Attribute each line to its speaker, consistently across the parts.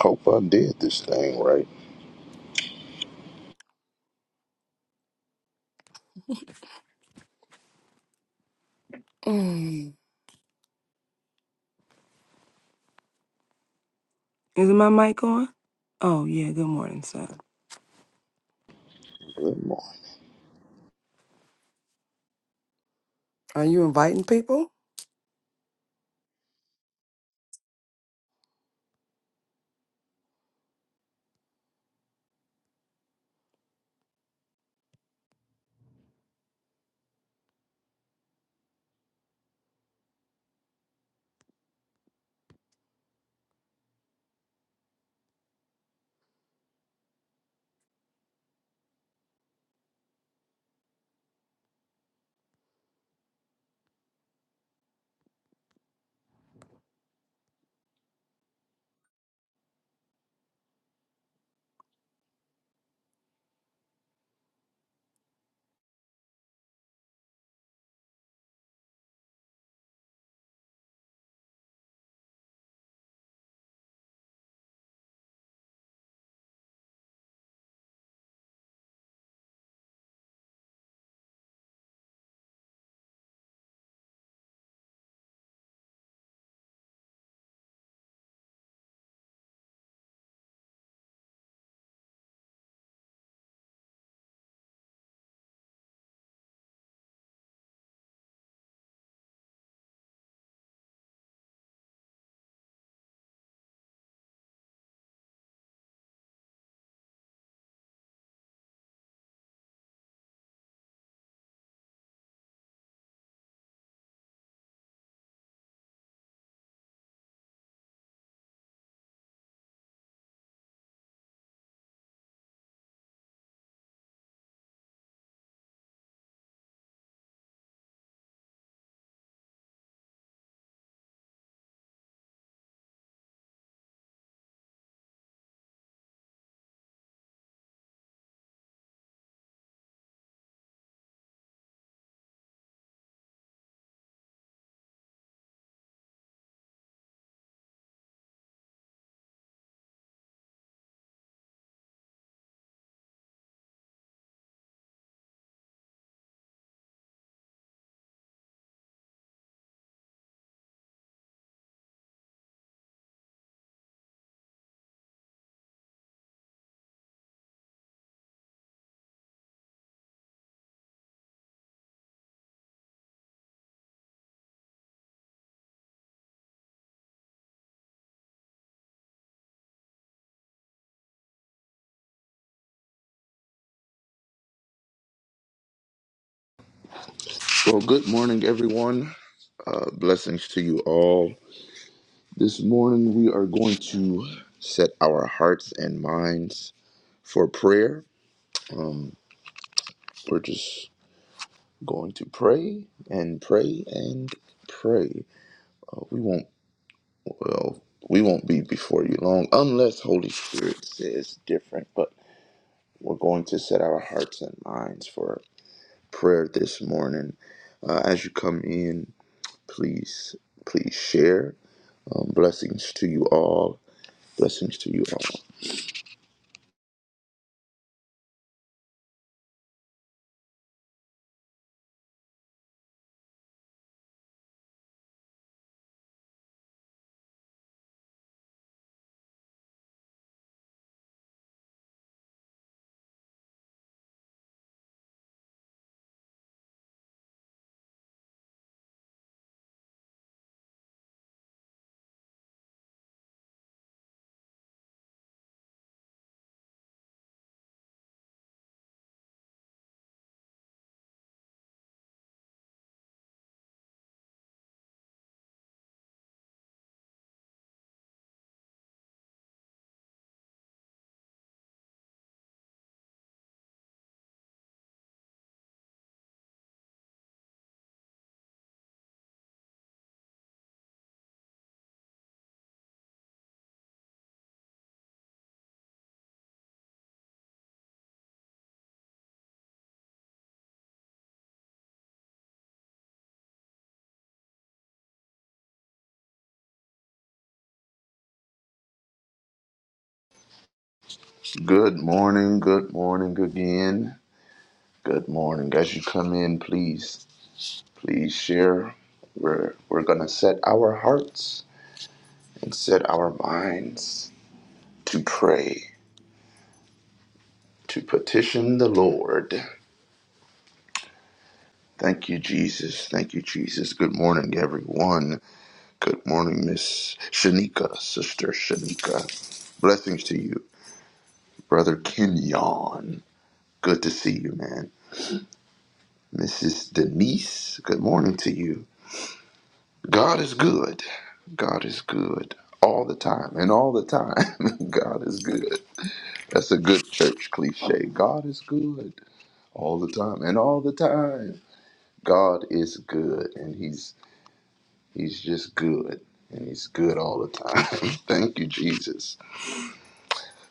Speaker 1: Hope I did this thing right.
Speaker 2: Mm. Is my mic on? Oh, yeah. Good morning, son.
Speaker 1: Good morning.
Speaker 2: Are you inviting people?
Speaker 1: Well, good morning, everyone. Uh, blessings to you all. This morning, we are going to set our hearts and minds for prayer. We're just going to pray and pray and pray. Uh, we won't, well, we won't be before you long unless Holy Spirit says different, but we're going to set our hearts and minds for prayer this morning. Uh, as you come in, Please, please share. Um, blessings to you all. Blessings to you all. Good morning. Good morning again. Good morning. As you come in, please, please share. We're we're gonna set our hearts and set our minds to pray, to petition the Lord. Thank you, Jesus. Thank you, Jesus. Good morning, everyone. Good morning, Miss Shanika, Sister Shanika. Blessings to you. Brother Kenyon, good to see you, man. Mrs. Denise, good morning to you. God is good. God is good all the time, and all the time, God is good. That's a good church cliche. God is good all the time, and all the time, God is good, and He's He's just good, and He's good all the time. Thank you, Jesus.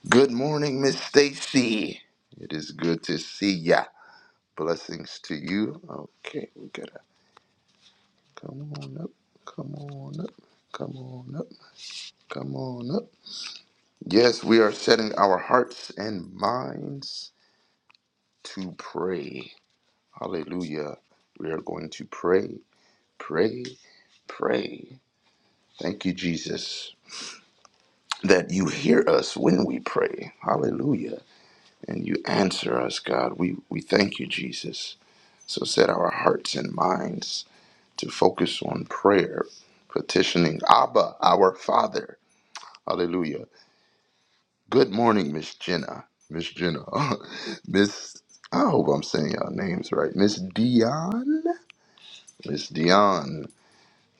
Speaker 1: Good morning, Miss Stacy. It is good to see ya. Blessings to you. Okay, we good. Come on up. Come on up. Come on up. Come on up. Yes, we are setting our hearts and minds to pray. Hallelujah. We are going to pray, pray, pray. Thank you, Jesus, that you hear us when we pray. Hallelujah. And you answer us, God. We, we thank you, Jesus. So set our hearts and minds to focus on prayer, petitioning Abba, our Father. Hallelujah Good morning, Miss Jenna. Miss Jenna. Miss, I hope I'm saying y'all names right. Miss Dion. Miss Dion.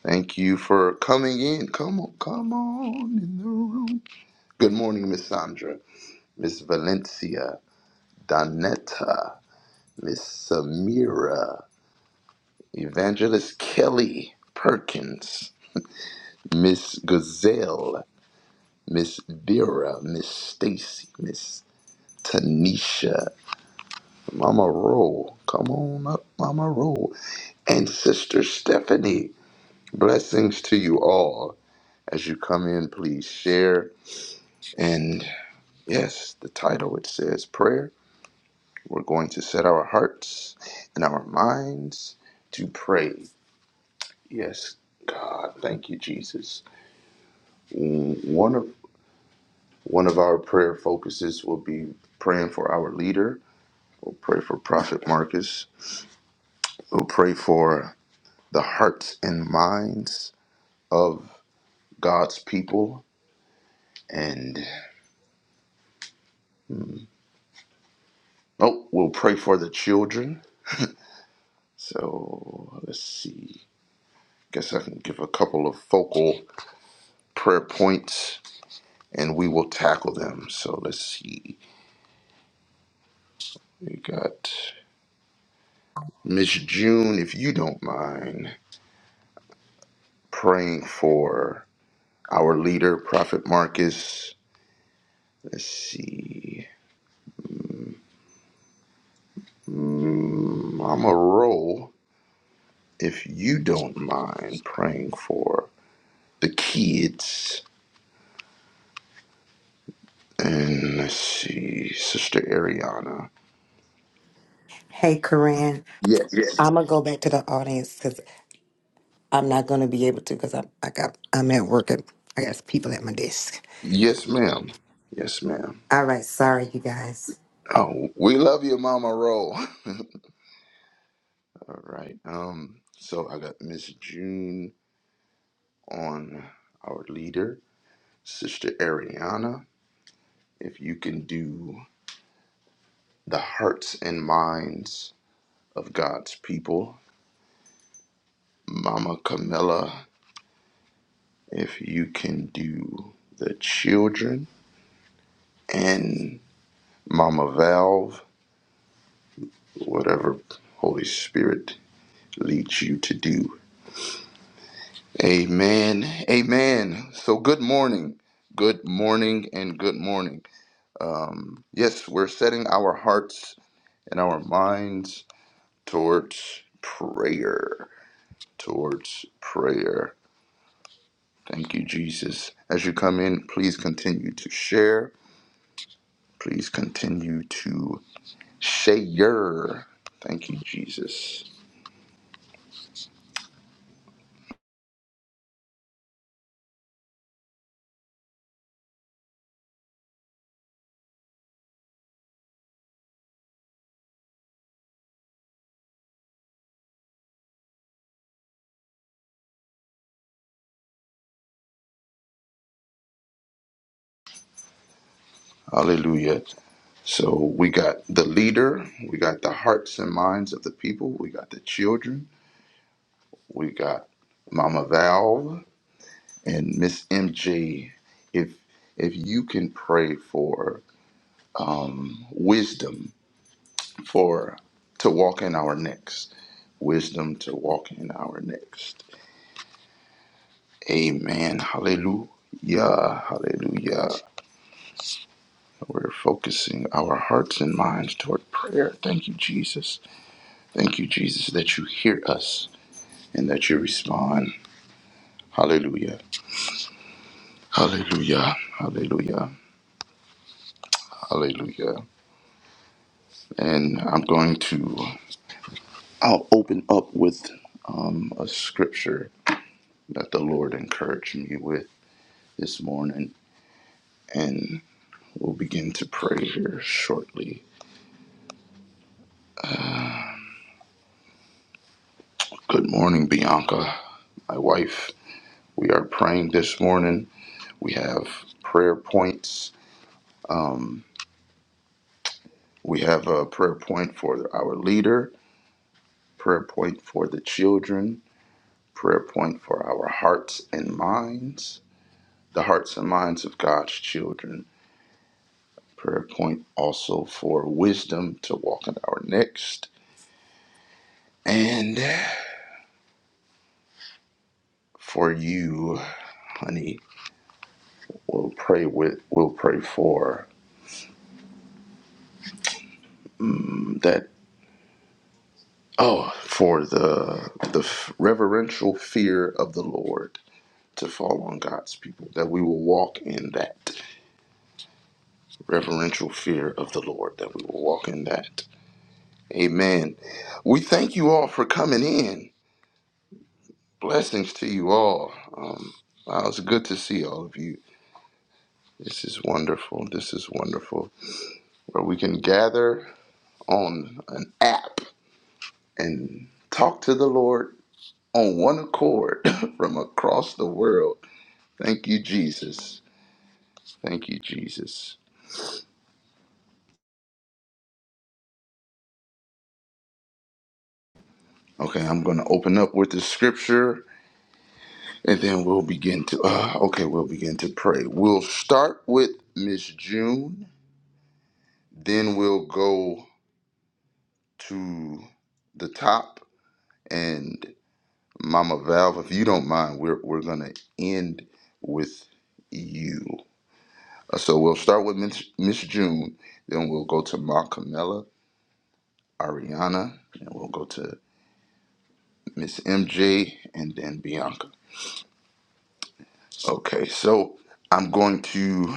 Speaker 1: Thank you for coming in. Come on, come on in the room. Good morning, Miss Sandra. Miss Valencia. Donetta. Miss Samira. Evangelist Kelly Perkins. Miss Gazelle. Miss Vera. Miss Stacy. Miss Tanisha. Mama Roll. Come on up, Mama Roll. And Sister Stephanie. Blessings to you all. As you come in, please share. And yes, the title it says prayer. We're going to set our hearts and our minds to pray. Yes, God, thank you, Jesus. Mm, One of one of our prayer focuses will be praying for our leader. We'll pray for Prophet Marcus. We'll pray for the hearts and minds of. God's people. And oh, we'll pray for the children. So let's see. Guess I can give a couple of focal prayer points and we will tackle them. So let's see. We got Miss June, if you don't mind, praying for our leader, Prophet Marcus. Let's see. Mm, i roll, if you don't mind, praying for the kids And let's see, Sister Ariana.
Speaker 3: Hey, Corinne. Yeah.
Speaker 1: Yes.
Speaker 3: I'm gonna go back to the audience because I'm not gonna be able to because I I got I'm at work. And I got people at my desk.
Speaker 1: Yes, ma'am. Yes, ma'am.
Speaker 3: All right, sorry, you guys.
Speaker 1: Oh, we love you, Mama Roll. All right. Um, so I got Miss June on our leader, Sister Ariana. If you can do the hearts and minds of God's people, Mama Camilla. If you can do the children and Mama Valve, whatever Holy Spirit leads you to do. Amen. Amen. So, good morning. Good morning and good morning. Um, yes, we're setting our hearts and our minds towards prayer. Towards prayer. Thank you, Jesus. As you come in, please continue to share. Please continue to share. Thank you, Jesus. Hallelujah. So we got the leader, we got the hearts and minds of the people, we got the children, we got Mama Val and Miss MJ. If if you can pray for wisdom for to walk in our next, wisdom to walk in our next. Amen. Hallelujah. Hallelujah. We're focusing our hearts and minds toward prayer. Thank you, Jesus. Thank you, Jesus, that you hear us and that you respond. Hallelujah. Hallelujah. Hallelujah. Hallelujah. And I'm going to, I'll open up with um, a scripture that the Lord encouraged me with this morning. And we'll begin to pray here shortly. Good morning, Bianca, my wife. We are praying this morning. We have prayer points. Um, we have a prayer point for our leader prayer point for the children, prayer point for our hearts and minds, the hearts and minds of God's children, prayer point also for wisdom to walk in our next, and for you, honey, we'll pray with, we'll pray for um, that. Oh, for the the reverential fear of the Lord to fall on God's people, that we will walk in that reverential fear of the Lord, that we will walk in that Amen. We thank you all for coming in. Blessings to you all. Um, wow, it's good to see all of you. This is wonderful. This is wonderful. Where we can gather on an app and talk to the Lord on one accord from across the world. Thank you, Jesus. Thank you, Jesus. Okay, I'm going to open up with the scripture and then we'll begin to, uh, okay, we'll begin to pray. We'll start with Miss June Then we'll go to the top and Mama Valve. If you don't mind, we're we're gonna end with you. Uh, So we'll start with Miss, Miss June, then we'll go to Ma Camilla, Ariana, and we'll go to Miss MJ, and then Bianca. Okay, so I'm going to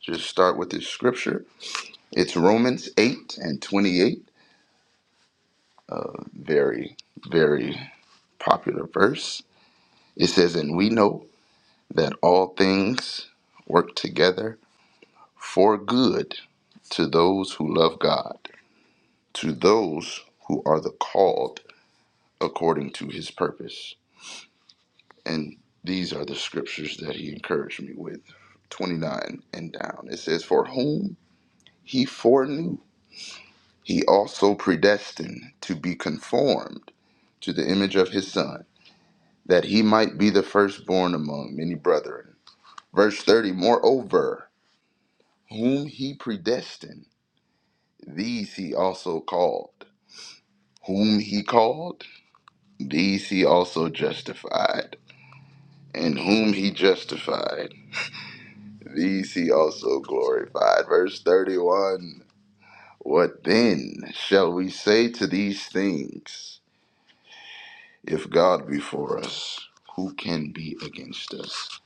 Speaker 1: just start with this scripture. It's Romans 8 and 28, very, very popular verse. It says, And we know that all things work together for good to those who love God, to those who are the called according to his purpose. And these are the scriptures that he encouraged me with 29 and down. It says, For whom he foreknew, he also predestined to be conformed to the image of his son, that he might be the firstborn among many brethren. Verse 30, moreover, whom he predestined. These he also called. Whom he called, these he also justified. And whom he justified, these he also glorified. Verse 31 What then shall we say to these things? If God be for us, who can be against us?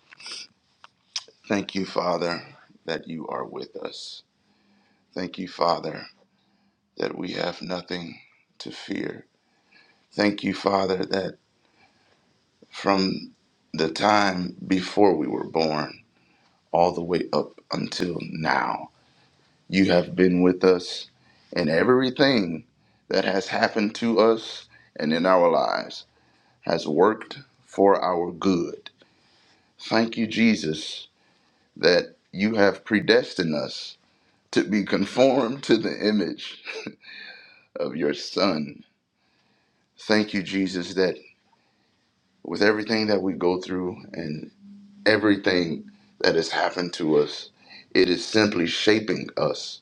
Speaker 1: Thank you, Father, that you are with us. Thank you, Father, that we have nothing to fear. Thank you, Father, that from the time before we were born all the way up until now. You have been with us and everything that has happened to us and in our lives has worked for our good. Thank you, Jesus, that you have predestined us to be conformed to the image of your Son. Thank you, Jesus, that with everything that we go through and everything that has happened to us, it is simply shaping us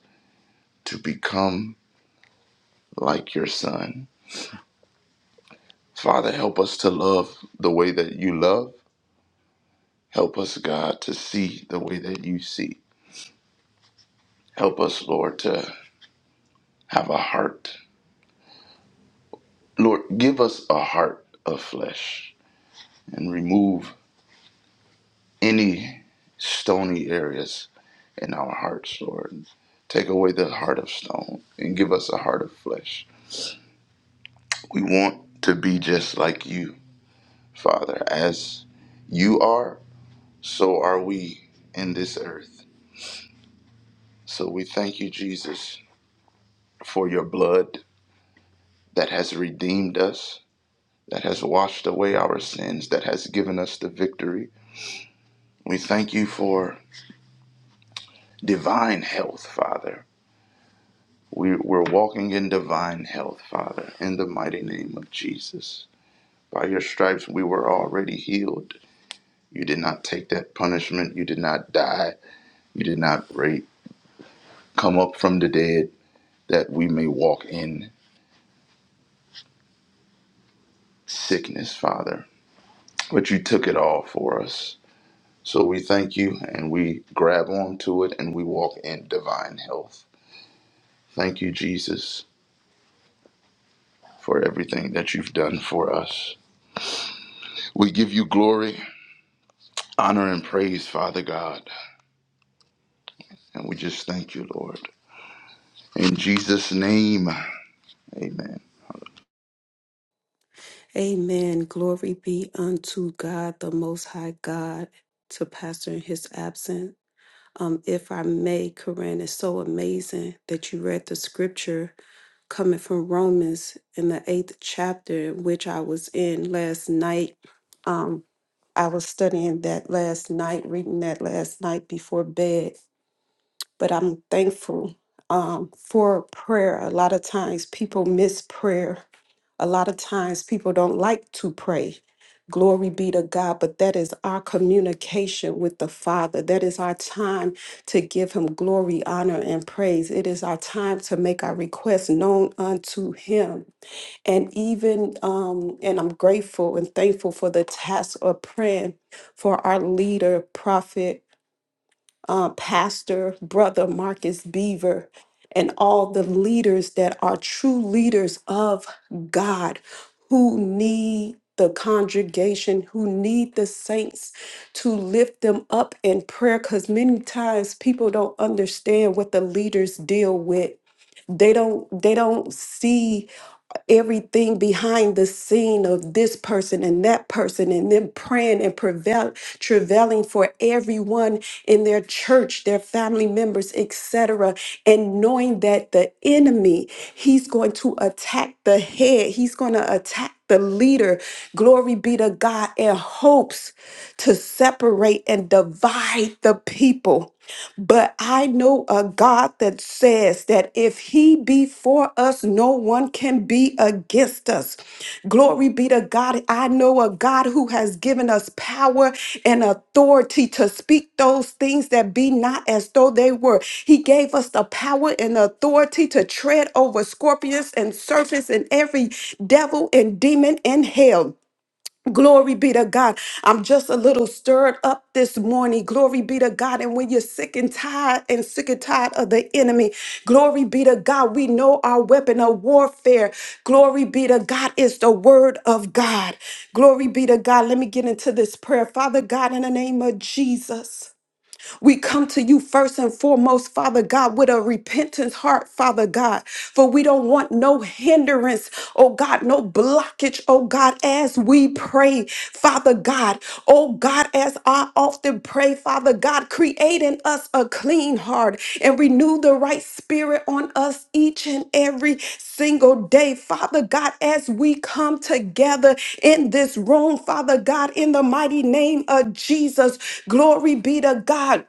Speaker 1: to become like your son. Father, help us to love the way that you love. Help us, God, to see the way that you see. Help us, Lord, to have a heart. Lord, give us a heart of flesh and remove any stony areas in our hearts, Lord. Take away the heart of stone and give us a heart of flesh. We want to be just like you. Father, as you are, so are we in this earth. So we thank you, Jesus, for your blood that has redeemed us, that has washed away our sins, that has given us the victory. We thank you for divine health, Father. We, we're walking in divine health, Father, in the mighty name of Jesus. By your stripes, we were already healed. You did not take that punishment. You did not die. You did not rape, come up from the dead. that we may walk in sickness, Father. But you took it all for us. So we thank you and we grab onto it and we walk in divine health. Thank you, Jesus, for everything that you've done for us. We give you glory, honor, and praise, Father God. And we just thank you, Lord. In Jesus' name, amen.
Speaker 4: Amen. Glory be unto God, the Most High God, to pastor in his absence. Um, if I may, Corinne, it's so amazing that you read the scripture coming from Romans in the eighth chapter, which I was in last night. Um, I was studying that last night, reading that last night before bed but I'm thankful um, for prayer. A lot of times people miss prayer. A lot of times people don't like to pray. Glory be to God, but that is our communication with the Father. That is our time to give Him glory, honor, and praise. It is our time to make our requests known unto Him. And even, um, and I'm grateful and thankful for the task of praying for our leader, Prophet uh, Pastor, Brother Marcus Beaver, and all the leaders that are true leaders of God who need the congregation, who need the saints to lift them up in prayer because many times people don't understand what the leaders deal with. They don't they don't see everything behind the scene of this person and that person and them praying and prevail, travailing for everyone in their church, their family members, etc. And knowing that the enemy, he's going to attack the head, he's going to attack the leader. Glory be to God and hopes to separate and divide the people. But I know a God that says that if He be for us, no one can be against us. Glory be to God. I know a God who has given us power and authority to speak those things that be not as though they were. He gave us the power and authority to tread over scorpions and serpents and every devil and demon in hell. Glory be to God. I'm just a little stirred up this morning. Glory be to God. And when you're sick and tired and sick and tired of the enemy, glory be to God. We know our weapon of warfare. Glory be to God is the word of God. Glory be to God. Let me get into this prayer. Father God, in the name of Jesus. We come to you first and foremost, Father God, with a repentance heart, Father God, for we don't want no hindrance, oh God, no blockage, oh God, as we pray, Father God, oh God, as I often pray, Father God, create in us a clean heart and renew the right spirit on us each and every single day, Father God, as we come together in this room, Father God, in the mighty name of Jesus, glory be to God.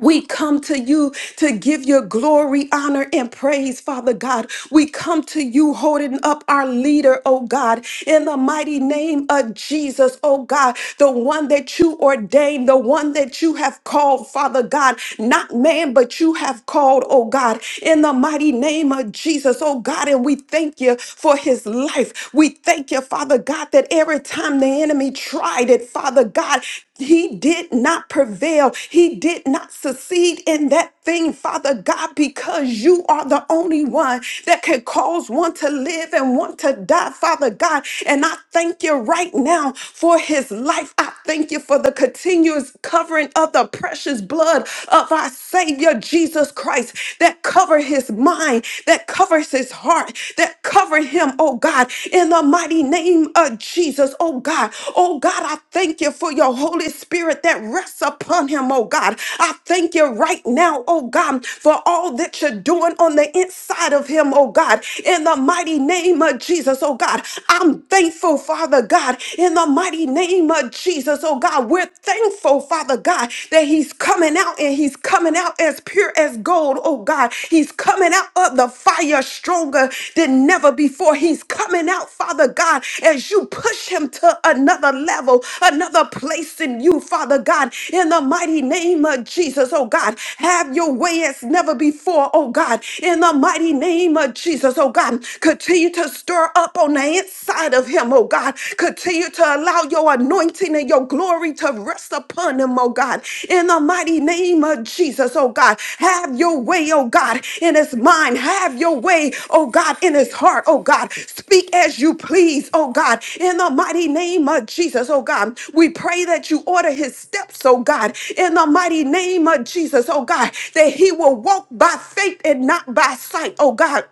Speaker 4: We come to you to give your glory, honor, and praise, Father God. We come to you holding up our leader, oh God, in the mighty name of Jesus, oh God, the one that you ordained, the one that you have called, Father God, not man, but you have called, oh God, in the mighty name of Jesus, oh God. And we thank you for his life. We thank you, Father God, that every time the the enemy tried it, Father God, he did not prevail. He did not succeed in that thing, Father God, because you are the only one that can cause one to live and one to die, Father God. And I thank you right now for his life. I thank you for the continuous covering of the precious blood of our Savior Jesus Christ that cover his mind, that covers his his heart that covered him, oh God, in the mighty name of Jesus, oh God. Oh God, I thank you for your Holy Spirit that rests upon him, oh God. I thank you right now, oh God, for all that you're doing on the inside of him, oh God, in the mighty name of Jesus, oh God. I'm thankful, Father God, in the mighty name of Jesus, oh God. We're thankful, Father God, that he's coming out out and he's coming out as pure as gold. Oh God, he's coming out of the fire stronger than never before. He's coming out, Father God, as you push him to another level, another place in you, Father God, in the mighty name of Jesus. Oh God, have your way as never before. Oh God, in the mighty name of Jesus. Oh God, continue to stir up on the inside of him. Oh God, continue continue to allow your anointing and your glory to rest upon them, oh God. In the mighty name of Jesus, oh God, have your way, oh God, in his mind. Have your way, oh God, in his heart, oh God. Speak as you please, oh God. In the mighty name of Jesus, oh God, we pray that you order his steps, oh God. In the mighty name of Jesus, oh God, that he will walk by faith and not by sight, oh God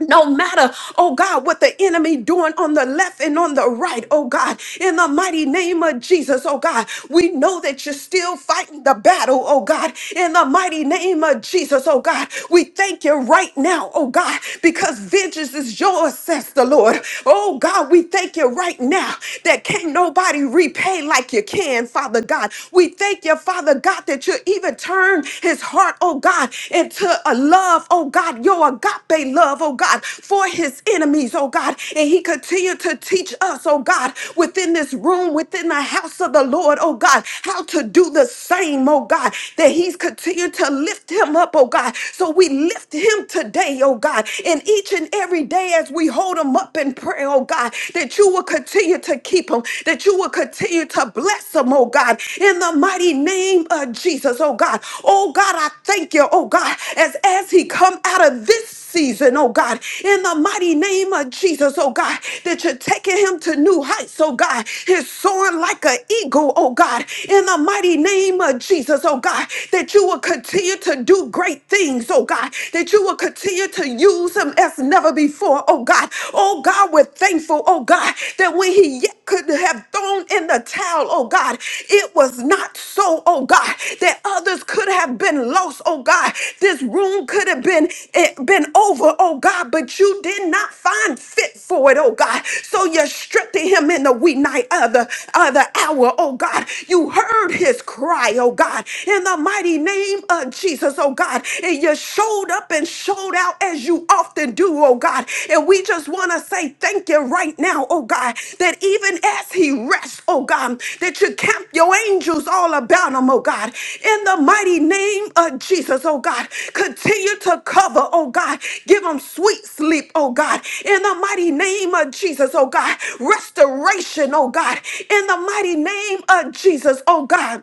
Speaker 4: no matter, oh God, what the enemy doing on the left and on the right, oh God, in the mighty name of Jesus, oh God, we know that you're still fighting the battle, oh God, in the mighty name of Jesus, oh God, we thank you right now, oh God, because vengeance is yours, says the Lord, oh God, we thank you right now that can't nobody repay like you can, Father God, we thank you, Father God, that you even turn his his heart, oh God, into a love, oh God, your agape love, oh God, for his enemies, oh God. And he continued to teach us, oh God, within this room, within the house of the Lord, oh God, how to do the same, oh God, that he's continued to lift him up, oh God. So we lift him today, oh God, and each and every day as we hold him up in prayer, oh God, that you will continue to keep him, that you will continue to to bless them, oh God, in the mighty name of Jesus, oh God. Oh God, I thank you, oh God, as as he come out of this season, oh God, in the mighty name of Jesus, oh God, that you're taking him to new heights, oh God. He's soaring like an eagle, oh God, in the mighty name of Jesus, oh God, that you will continue to do great things, oh God, that you will continue to use him as never before, oh God. Oh God, Oh God, we're thankful, oh God, that when he yet could have thrown in the towel, oh God, it was not so, oh God, that others could have been lost, oh God. This room could have been it been over, oh God, but you did not find fit for it, oh God. So you strengthened him in the wee night of the, of the hour, oh God. You heard his cry, oh God, in the mighty name of Jesus, oh God, and you showed up and showed out as you often do, oh God. And we just want to say thank you right now, oh God, that even as he rests, oh God, that you camp your angels all about him, oh God. In the mighty name of Jesus, oh God, continue to cover, oh God. Give him sweet sleep, oh God. In the mighty name of Jesus, oh God. Restoration, oh God. In the mighty name of Jesus, oh God.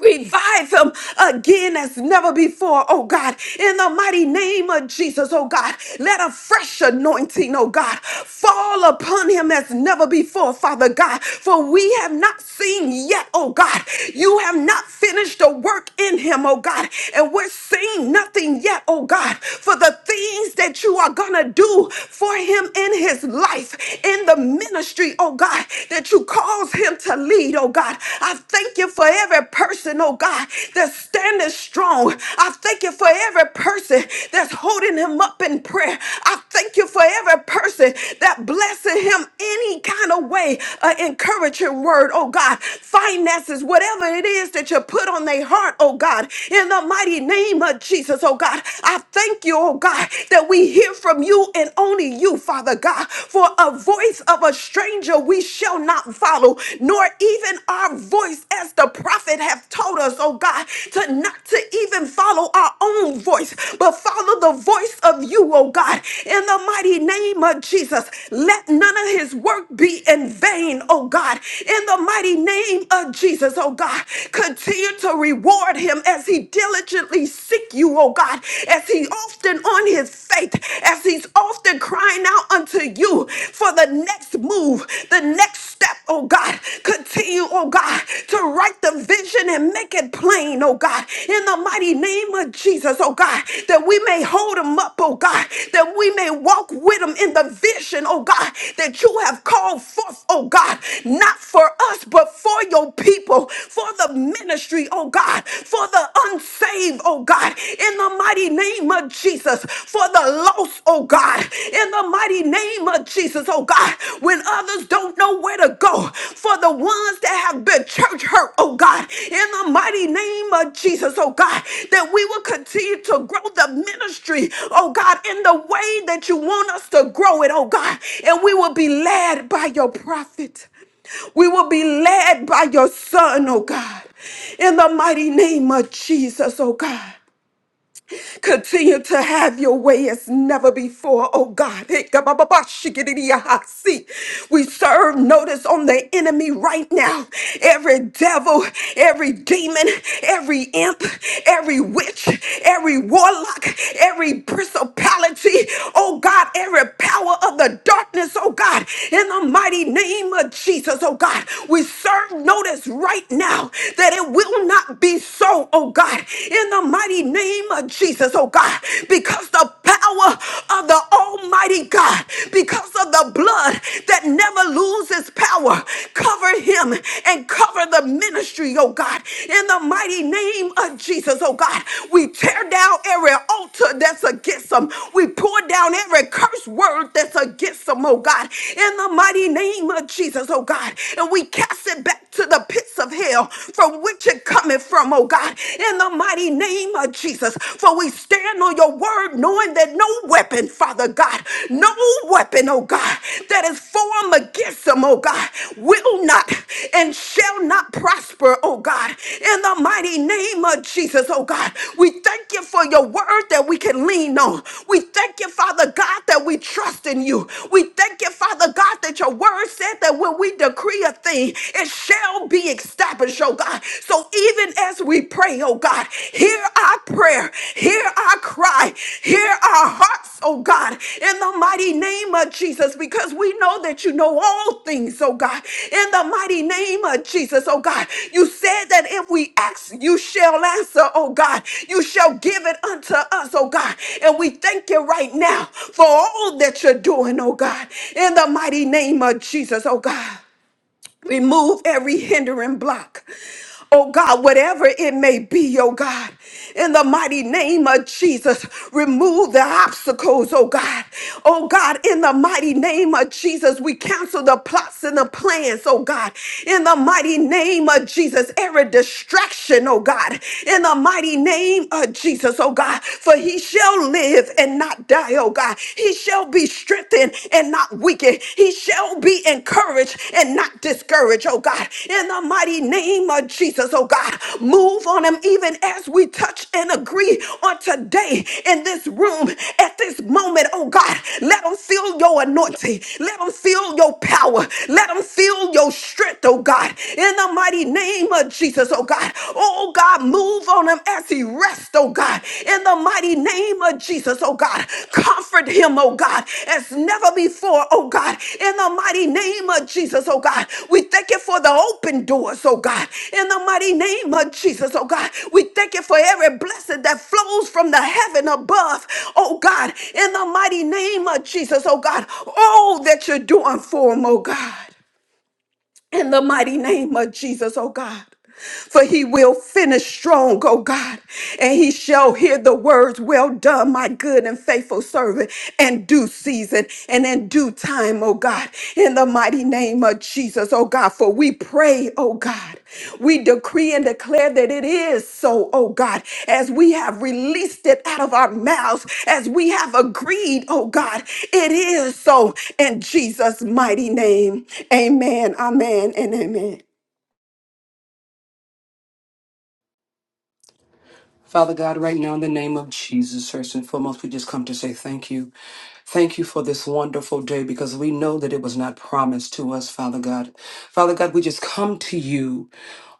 Speaker 4: Revive him again as never before, oh God, in the mighty name of Jesus, oh God. Let a fresh anointing, oh God, fall upon him as never before, Father God. For we have not seen yet, oh God. You have not finished the work in him, oh God. And we're seeing nothing yet, oh God, for the things that you are going to do for him in his life, in the ministry, oh God, that you cause him to lead lead, oh God. I thank you for every person, oh God, that's standing strong. I thank you for every person that's holding him up in prayer. I thank you for every person that blessing him any kind of way, an encouraging word, oh God. Finances, whatever it is that you put on their heart, oh God. In the mighty name of Jesus, oh God. I thank you, oh God, that we hear from you and only you, Father God, for a voice of a stranger stranger we shall not follow, nor even our voice, as the prophet hath told us, oh God, to not to even follow our own voice, but follow the voice of you, oh God, in the mighty name of Jesus. Let none of his work be in vain, oh God, in the mighty name of Jesus, oh God. Continue to reward him as he diligently seek you, oh God, as he often on his faith, as he's often crying out unto you for the next move, the next step, oh God. Continue, oh God, to write the vision and make it plain, oh God, in the mighty name of Jesus, oh God, that we may hold them up, oh God, that we may walk with them in the vision, oh God, that you have called forth, oh God, not for us, but for your people, for the ministry, oh God, for the unsaved, oh God, in the mighty name of Jesus for the lost, oh God, in the mighty name of Jesus, oh God, when others don't know where to go, for the ones that have been church hurt, oh God, in the mighty name of Jesus, oh God, that we will continue to grow the ministry, oh God, in the way that you want us to grow it, oh God, and we will be led by your prophet. We will be led by your son, oh God, in the mighty name of Jesus, oh God. Continue to have your way as never before, oh God. Ikabababashikididiyahasi. We serve notice on the enemy right now. Every devil, every demon, every imp, every witch, every warlock, every principality, oh God, every power of the darkness, oh God, in the mighty name of Jesus, oh God, we serve notice right now that it will not be so, oh God in the mighty name of Jesus, oh God, because the power of the Almighty God, because of the blood that never loses power, cover him and cover the ministry, oh God, in the mighty name of Jesus, oh God. We tear down every altar that's against them, we pour down every curse word that's against them, oh God, in the mighty name of Jesus, oh God, and we cast it back to the pits of hell from which it provision coming from, oh God, in the mighty name of Jesus. For we stand on your word knowing that no weapon, Father God, no weapon, oh God, that is formed against them, oh God, will not and shall not prosper, oh God, in the mighty name of Jesus, oh God. We thank you for your word that we can lean on. We thank you, Father God, that we trust in you. We thank you, Father God, that your word said that when we decree a thing, it shall won't be established, oh God. So even as we pray, oh God, hear our prayer, hear our cry, hear our hearts, oh God, in the mighty name of Jesus, because we know that you know all things, oh God, in the mighty name of Jesus, oh God. You said that if we ask, you shall answer, oh God. You shall give it unto us, oh God. And we thank you right now for all that you're doing, oh God, in the mighty name of Jesus, oh God. Remove every hindering block. Oh God, whatever it may be, oh God, in the mighty name of Jesus, remove the obstacles, oh God. Oh God, in the mighty name of Jesus, we cancel the plots and the plans, oh God. In the mighty name of Jesus, every distraction, oh God. In the mighty name of Jesus, oh God, for he shall live and not die, oh God. He shall be strengthened and not weakened. He shall be encouraged and not discouraged, oh God. In the mighty name of Jesus, oh God, move on him even as we touch and agree on today in this room at this moment, oh God. Let them feel your anointing. Let them feel your power. Let them feel your strength, oh God. In the mighty name of Jesus, oh God. Oh God, move Move on him as he rests, oh God, in the mighty name of Jesus, oh God. Comfort him, oh God, as never before, oh God, in the mighty name of Jesus, oh God. We thank you for the open doors, oh God, in the mighty name of Jesus, oh God. We thank you for every blessing that flows from the heaven above, oh God, in the mighty name of Jesus, oh God. All that you're doing for him, oh God in the mighty name of Jesus, oh God. For he will finish strong, oh God, and he shall hear the words, Well done, my good and faithful servant, in due season and in due time, oh God, in the mighty name of Jesus, oh God. For we pray, oh God, we decree and declare that it is so, oh God, as we have released it out of our mouths, as we have agreed, oh God, it is so in Jesus' mighty name. Amen, amen, and amen.
Speaker 2: Father God, right now, in the name of Jesus, first and foremost, we just come to say thank you. Thank you for this wonderful day because we know that it was not promised to us, Father God. Father God, we just come to you.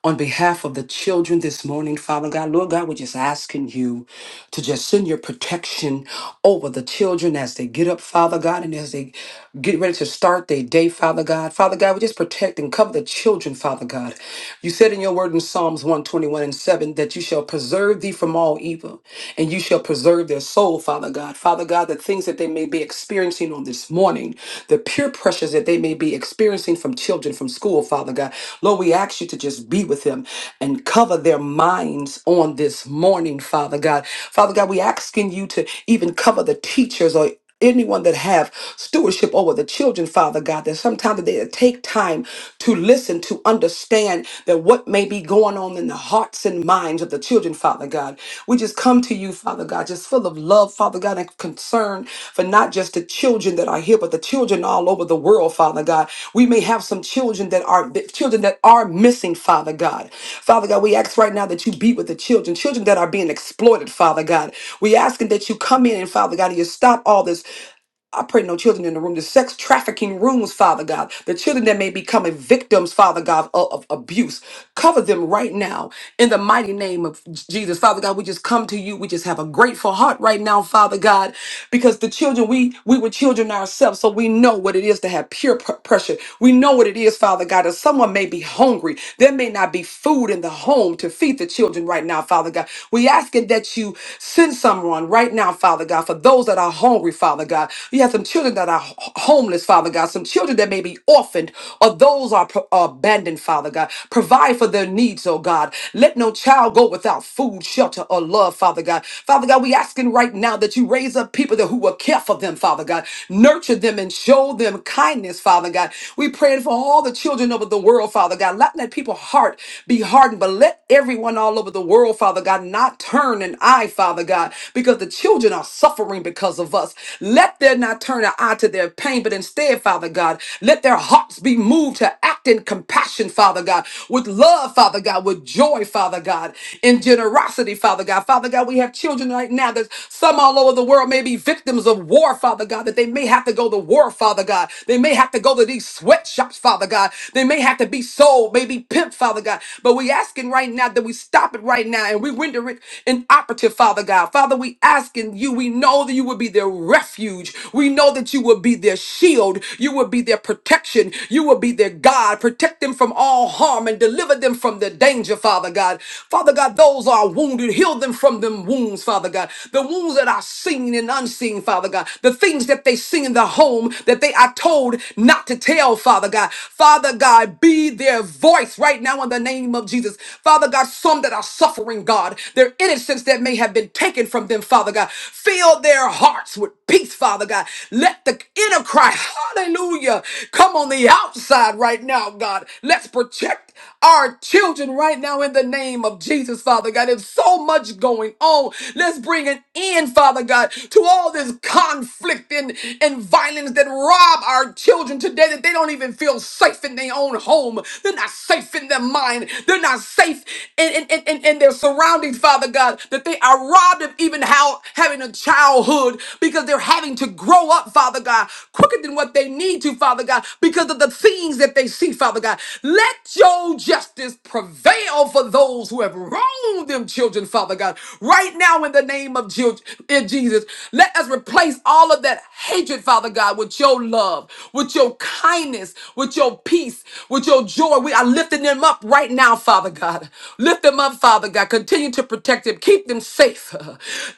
Speaker 2: on behalf of the children this morning, Father God. Lord God, we're just asking you to just send your protection over the children as they get up, Father God, and as they get ready to start their day, Father God. Father God, we just protect and cover the children, Father God. You said in your word in Psalms 121 and 7 that you shall preserve thee from all evil, and you shall preserve their soul, Father God. Father God, the things that they they may be experiencing on this morning, the peer pressures that they may be experiencing from children from school, Father God. Lord, we ask you to just be with them and cover their minds on this morning, Father God. Father God, we asking you to even cover the teachers or anyone that have stewardship over the children father god that sometimes they take time to listen to understand that what may be going on in the hearts and minds of the children father god we just come to you father god just full of love father god and concern for not not just the children that are here, but the children all over the world, Father God. We may have some children that are children that are missing, Father God. Father God, we ask right now that you be with the children, children that are being exploited, Father God. We asking that you come in and Father God, and you stop all this. I pray no children in the room, the sex trafficking rooms, Father God, the children that may become victims, Father God, of, of abuse. Cover them right now in the mighty name of Jesus. Father God, we just come to you. We just have a grateful heart right now, Father God, because the children, we we were children ourselves, so we know what it is to have peer pr- pressure. We know what it is, Father God, that someone may be hungry. There may not be food in the home to feed the children right now, Father God. We ask it that you send someone right now, Father God, for those that are hungry hungry, Father God. You have some children that are h- homeless, Father God. Some children that may be orphaned or those are pro- are abandoned, Father God. Provide for their needs, oh God. Let no child go without food, shelter, or love, Father God. Father God, we asking right now that you raise up people that who will care for them, Father God. Nurture them and show them kindness, Father God. We praying for all the children over the world, Father God. Let that people's heart be hardened, but let everyone all over the world, Father God, not turn an eye, Father God, because the children are suffering suffering because of us. Let them not turn an eye to their pain, but instead, Father God, let their hearts be moved to act in compassion, Father God, with love, Father God, with joy, Father God, in generosity, Father God. Father God, we have children right now that some all over the world may be victims of war, Father God, that they may have to go to war, Father God. They may have to go to these sweatshops, Father God. They may have to be sold, maybe pimped, Father God. But we asking right now that we stop it right now and we render it inoperative, Father God. Father, we asking asking you. We know that you would be their refuge. We know that you would be their shield. You would be their protection. You would be their God. Protect them from all harm and deliver them from the danger, Father God. Father God, those are wounded, heal them from them wounds, Father God. The wounds that are seen and unseen, Father God. The things that they see in the home that they are told not to tell, Father God. Father God, be their voice right now in the name of Jesus. Father God, some that are suffering, God, their innocence that may have been taken taken from them, Father God. Fill their hearts with peace, Father God. Let the inner cry, hallelujah, come on the outside right now, God. Let's protect our children right now in the name of Jesus, Father God. There's so much going on. Let's bring an end, Father God, to all this conflict and, and violence that rob our children today that they don't even feel safe in their own home. They're not safe in their mind. They're not safe in, in, in, in in their surroundings, Father God, that that they are robbed of even how having a childhood because they're having to grow up, Father God, quicker than what they need to, Father God, because of the things that they see, Father God. Let your justice prevail for those who have wronged them, children, Father God. Right now, in the name of Jil- in Jesus, let us replace all of that hatred, Father God, with your love, with your kindness, with your peace, with your joy. We are lifting them up right now, Father God. Lift them up, Father God. Continue to to protect them. Keep them safe,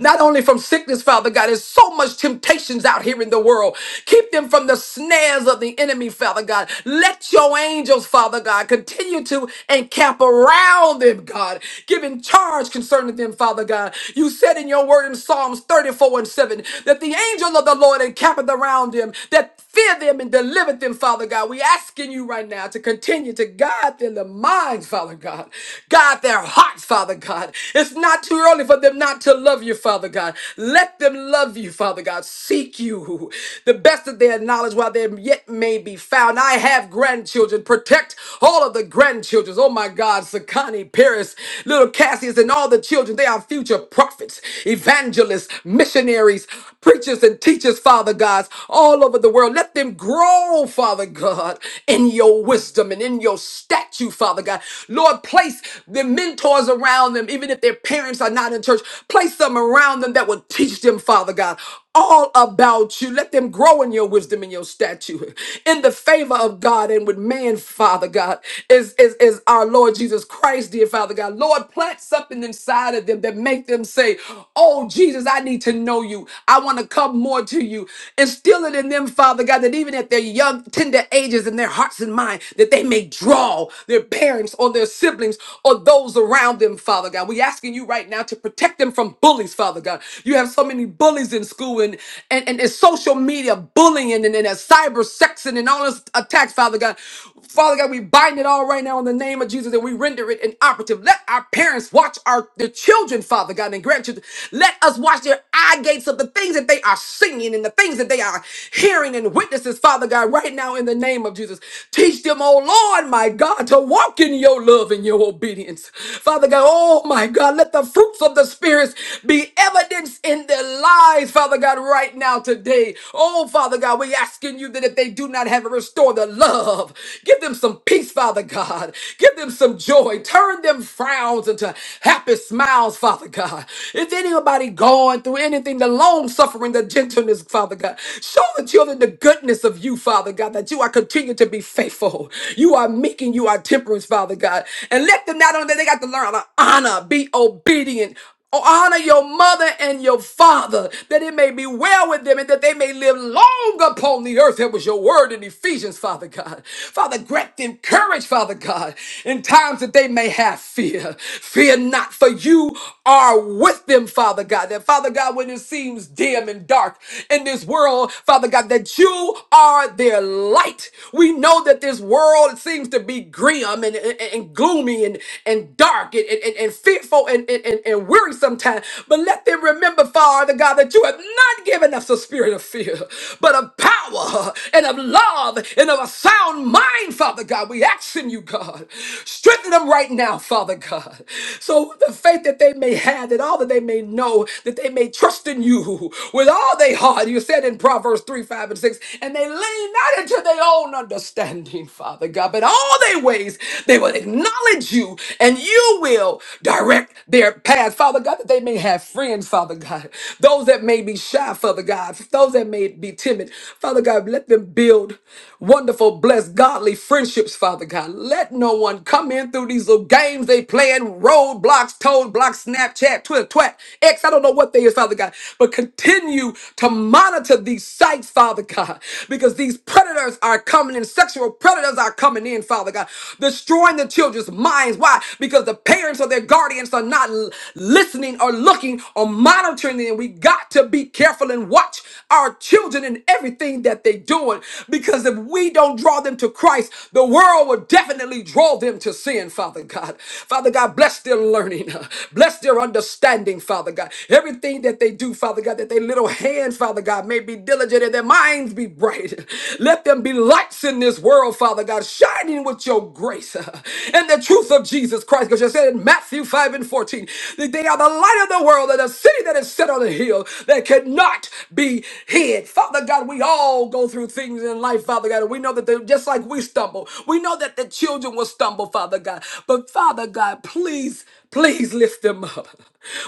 Speaker 2: not only from sickness, Father God. There's so much temptations out here in the world. Keep them from the snares of the enemy, Father God. Let your angels, Father God, continue to encamp around them, God, giving charge concerning them, Father God. You said in your word in Psalms 34 and 7 that the angel of the Lord encampeth around them, that fear them and deliver them, Father God. We asking you right now to continue to guide them, the minds, Father God. God, their hearts, Father God. It's not too early for them not to love you, Father God. Let them love you, Father God. Seek you. The best of their knowledge while they yet may be found. I have grandchildren. Protect all of the grandchildren. Oh my God, Sakani, Paris, little Cassius, and all the children. They are future prophets, evangelists, missionaries, preachers, and teachers, Father God, all over the world. Let them grow, Father God, in your wisdom and in your statue, Father God. Lord, place their mentors around them, even if their parents are not in church. Place them around them that will teach them, Father God, all about you. Let them grow in your wisdom and your statue, in the favor of God and with man, Father God, is, is, is our Lord Jesus Christ, dear Father God. Lord, plant something inside of them that make them say, Oh, Jesus, I need to know you. I want to come more to you. Instill it in them, Father God, that even at their young, tender ages in their hearts and mind, that they may draw their parents or their siblings or those around them, Father God. we asking you right now to protect them from bullies, Father God. You have so many bullies in school and and, and, and social media bullying and, and, and cyber sexing and all this attacks, Father God. Father God, we bind it all right now in the name of Jesus and we render it inoperative. Let our parents watch our their children, Father God, and grandchildren. Let us watch their eye gates of the things that they are seeing and the things that they are hearing and witnesses, Father God, right now in the name of Jesus. Teach them, oh Lord, my God, to walk walk in your love and your obedience. Father God, oh my God, let the fruits of the spirits be evidence in their lives, Father God, right now today. Oh, Father God, we asking you that if they do not have it, restore the love. Give them some peace, Father God. Give them some joy. Turn them frowns into happy smiles, Father God. If anybody going through anything, the long suffering, the gentleness, Father God, show the children the goodness of you, Father God, that you are continue to be faithful. You are meek and you are temperance, Father God. And let them not only that they got to learn how to honor, be obedient. Oh, Honor your mother and your father, that it may be well with them and that they may live long upon the earth. That was your word in Ephesians, Father God. Father, grant them courage, Father God, in times that they may have fear. Fear not, for you are with them, Father God. That, Father God, when it seems dim and dark in this world, Father God, that you are their light. We know that this this world seems to be grim and, and, and gloomy and, and dark and, and, and fearful and, and, and, and weary sometimes. But let them remember, Father God, that you have not given us a spirit of fear, but of power and of love and of a sound mind, Father God. We ask in you, God. Strengthen them right now, Father God. So the faith that they may have, that all that they may know, that they may trust in you with all they heart. You said in Proverbs 3, 5, and 6, and they lean not into their own understanding, Father God. But all their ways, they will acknowledge you and you will direct their path, Father God, that they may have friends, Father God. Those that may be shy, Father God. Those that may be timid, Father God, let them build wonderful, blessed, godly friendships, Father God. Let no one come in through these little games they playing, roadblocks, toad blocks, Snapchat, Twitter, twat, X. I don't know what they is, Father God. But continue to monitor these sites, Father God, because these predators predators are coming in, sexual predators are coming in, Father God, destroying the children's minds. Why? Because the parents or their guardians are not l- listening or looking or monitoring them. We got to be careful and watch our children and everything that they're doing because if we don't draw them to Christ, the world will definitely draw them to sin, Father God. Father God, bless their learning, bless their understanding, Father God. Everything that they do, Father God, that their little hands, Father God, may be diligent and their minds be bright bright. Let them be lights in this world, Father God, shining with your grace uh, and the truth of Jesus Christ. Because you said in Matthew 5 and 14, that they are the light of the world and the city that is set on a hill that cannot be hid. Father God, we all go through things in life, Father God, and we know that they just like we stumble. We know that the children will stumble, Father God. But Father God, please, please lift them up.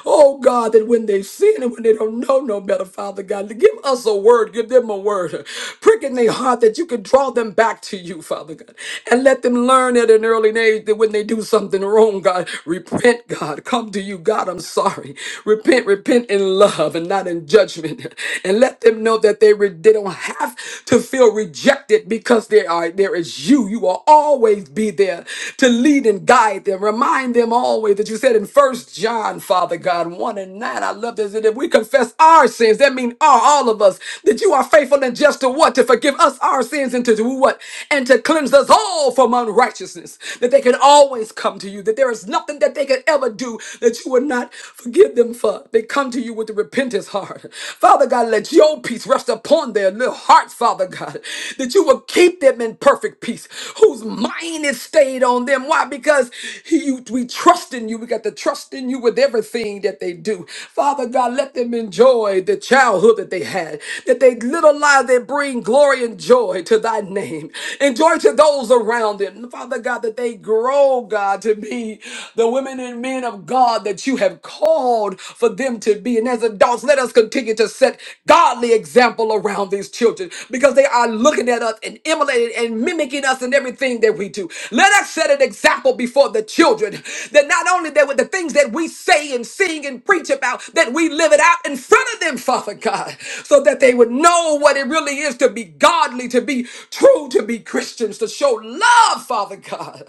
Speaker 2: Oh God, that when they sin and when they don't know no better, Father God, to give us a word, give them a word, prick in their heart that you can draw them back to you, Father God, and let them learn at an early age that when they do something wrong, God, repent, God, come to you, God, I'm sorry, repent, repent in love and not in judgment, and let them know that they re- they don't have to feel rejected because they are there is you, you are always always be there to lead and guide them. Remind them always that you said in First John, Father God, 1 and 9, I love this, that if we confess our sins, that means all, all of us, that you are faithful and just to what? To forgive us our sins and to do what? And to cleanse us all from unrighteousness. That they can always come to you, that there is nothing that they could ever do that you would not forgive them for. They come to you with a repentant heart. Father God, let your peace rest upon them on their little hearts, Father God, that you will keep them in perfect peace, whose mind is stayed on them. Why? Because you, we trust in you. We got to trust in you with everything that they do. Father God, let them enjoy the childhood that they had, that they little lives that bring glory and joy to thy name, and joy to those around them. Father God, that they grow, God, to be the women and men of God that you have called called for them to be. And as adults, let us continue to set godly example around these children because they are looking at us and emulating and mimicking us in everything that we do. Let us set an example before the children that not only that with the things that we say and sing and preach about, that we live it out in front of them, Father God, so that they would know what it really is to be godly, to be true, to be Christians, to show love, Father God. God.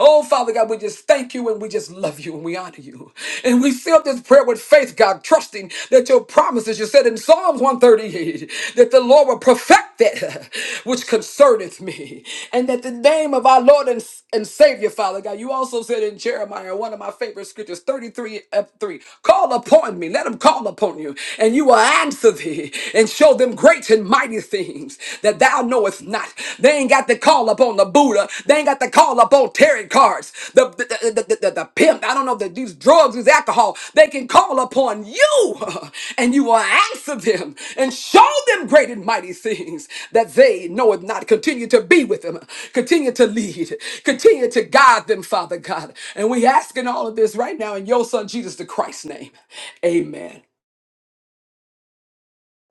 Speaker 2: Oh, Father God, we just thank you and we just love you and we honor you. And we seal this prayer with faith, God, trusting that your promises, you said in Psalms 138, that the Lord will perfect that which concerneth me. And that the name of our Lord and, and Savior, Father God, you also said in Jeremiah, one of my favorite scriptures, 33 F 3, call upon me, let them call upon you, and you will answer thee and show them great and mighty mighty things that thou knowest not. They ain't got to call upon the Buddha. They ain't got to call upon tarot cards. The the, the, the, the, the pimp. I don't know that these drugs, these alcohol. They can call upon you, and you will answer them and show them great and mighty things that they know it not. Continue to be with them. Continue to lead. Continue to guide them, Father God. And we asking all of this right now in your Son Jesus the Christ's name. Amen.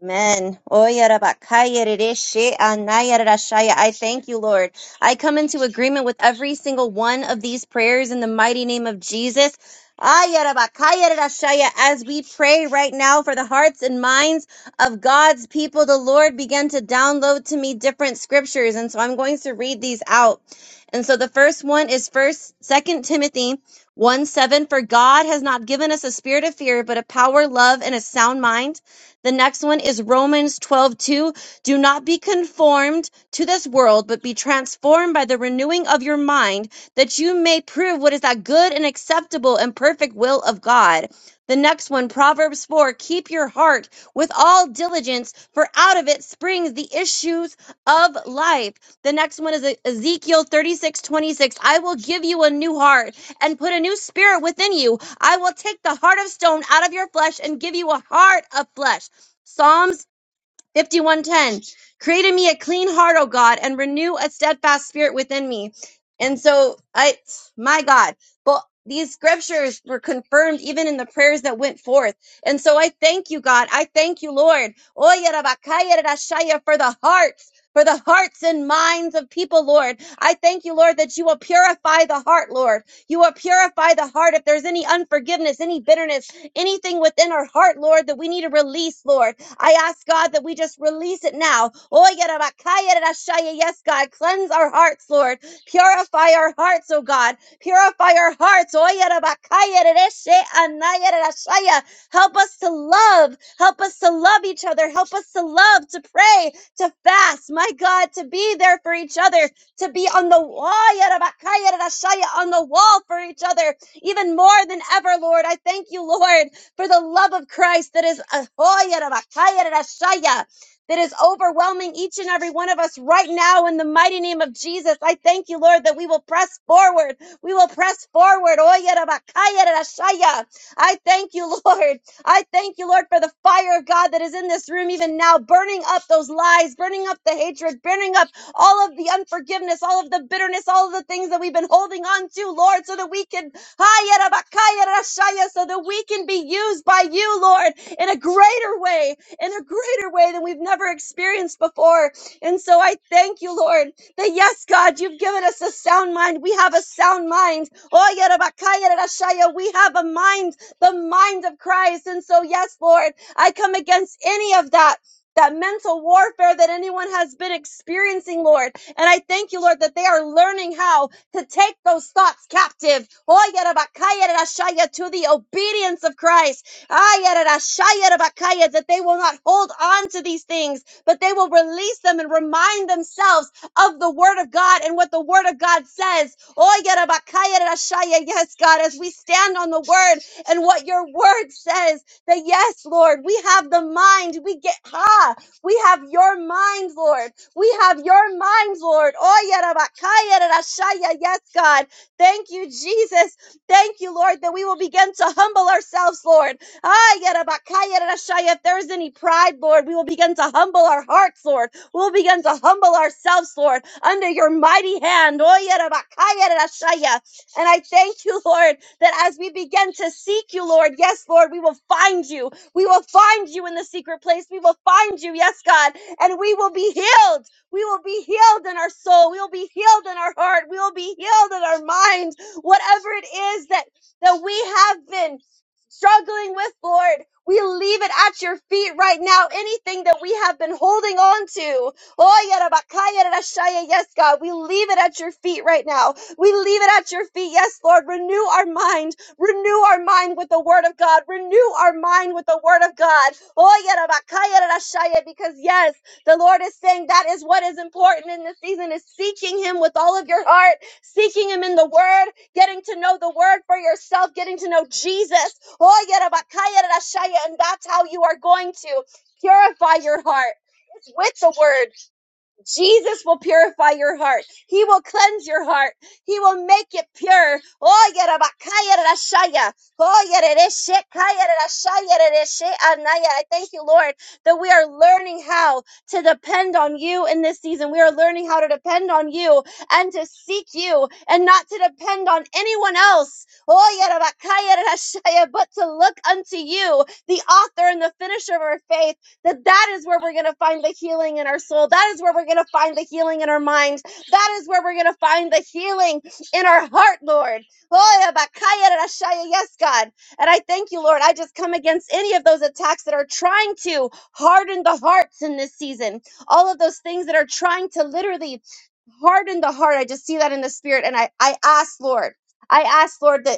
Speaker 5: Amen. Oyarabakayerereshe anayarashaya. I thank you, Lord. I come into agreement with every single one of these prayers in the mighty name of Jesus. Ayarabakayerereshe. As we pray right now for the hearts and minds of God's people, the Lord began to download to me different scriptures. And so I'm going to read these out. And so the first one is first, second Timothy 1 7. For God has not given us a spirit of fear, but a power, love, and a sound mind. The next one is Romans 12 2. Do not be conformed to this world, but be transformed by the renewing of your mind, that you may prove what is that good and acceptable and perfect will of God. The next one, Proverbs 4 Keep your heart with all diligence, for out of it springs the issues of life. The next one is Ezekiel thirty six twenty six. I will give you a new heart and put a new spirit within you. I will take the heart of stone out of your flesh and give you a heart of flesh. Psalms 51:10. Create in me a clean heart, O God, and renew a steadfast spirit within me. And so I my God, but these scriptures were confirmed even in the prayers that went forth. And so I thank you, God. I thank you, Lord. Oya rabakaya rarashaya For the hearts, for the hearts and minds of people, Lord. I thank you, Lord, that you will purify the heart, Lord. You will purify the heart. If there's any unforgiveness, any bitterness, anything within our heart, Lord, that we need to release, Lord. I ask God that we just release it now. Oh, yarabakaya rashaya. Yes, God, cleanse our hearts, Lord. Purify our hearts, oh God. Purify our hearts. Oh, yarabakaya reshe Help us to love. Help us to love each other. Help us to love, to pray, to fast. My God, to be there for each other, to be on the wall, yarabakaya rashaya, on the wall for each other, even more than ever, Lord. I thank you, Lord for the love of Christ that is that is overwhelming each and every one of us right now in the mighty name of Jesus. I thank you, Lord, that we will press forward. We will press forward. I thank you, Lord. I thank you, Lord, for the fire of God that is in this room even now, burning up those lies, burning up the hatred, burning up all of the unforgiveness, all of the bitterness, all of the things that we've been holding on to, Lord, so that we can Hayarabakaya rashaya, So that we can be used by you, Lord, in a greater way, in a greater way than we've never experienced before. And so I thank you, Lord, that yes, God, you've given us a sound mind. We have a sound mind. Oh, yarabakaya rashaya, We have a mind, the mind of Christ. And so, yes, Lord, I come against any of that. That mental warfare that anyone has been experiencing, Lord. And I thank you, Lord, that they are learning how to take those thoughts captive Oh, yarabakaya, to the obedience of Christ. Ah, yararashaya, That they will not hold on to these things, but they will release them and remind themselves of the Word of God and what the Word of God says. Oh, yarabakaya, Yes, God, as we stand on the Word and what your Word says, that yes, Lord, we have the mind. We get, ha, we have your mind, Lord. We have your minds, Lord. Oh, yarabakaya, rarashaya. Yes, God. Thank you, Jesus. Thank you, Lord, that we will begin to humble ourselves, Lord. Ah, yarabakaya, rarashaya. If there is any pride, Lord, we will begin to humble our hearts, Lord. We will begin to humble ourselves, Lord, under your mighty hand. Oh, yarabakaya, rarashaya. And I thank you, Lord, that as we begin to seek you, Lord, yes, Lord, we will find you. We will find you in the secret place. We will find you, yes, God, and we will be healed. We will be healed in our soul. We will be healed in our heart. We will be healed in our mind. Whatever it is that, that we have been struggling with, Lord, we leave it at your feet right now. Anything that we have been holding on to. Oh, yarabakaya rashaya. Yes, God, we leave it at your feet right now. We leave it at your feet. Yes, Lord, renew our mind renew our mind with the word of God, renew our mind with the word of God. Oh, yarabakaya rashaya, because yes. The Lord is saying that is what is important in this season is seeking him with all of your heart, seeking him in the word, getting to know the word for yourself, getting to know Jesus. Oh, yarabakaya rashaya, And that's how you are going to purify your heart. It's with the word. Jesus will purify your heart. He will cleanse your heart. He will make it pure. Oh, yarabakayarashaya. Oh, yarereshekayarashayarereshekayarashaya. I thank you, Lord, that we are learning how to depend on you in this season. We are learning how to depend on you and to seek you and not to depend on anyone else. Oh, yarabakayarashaya, but to look unto you, the author and the finisher of our faith that that is where we're going to find the healing in our soul. That is where we're going to find the healing in our mind. That is where we're going to find the healing in our heart, Lord. Oh, yeah, rashaya, Yes, God. And I thank you, Lord. I just come against any of those attacks that are trying to harden the hearts in this season. All of those things that are trying to literally harden the heart. I just see that in the spirit. And I, I ask, Lord, I ask, Lord, that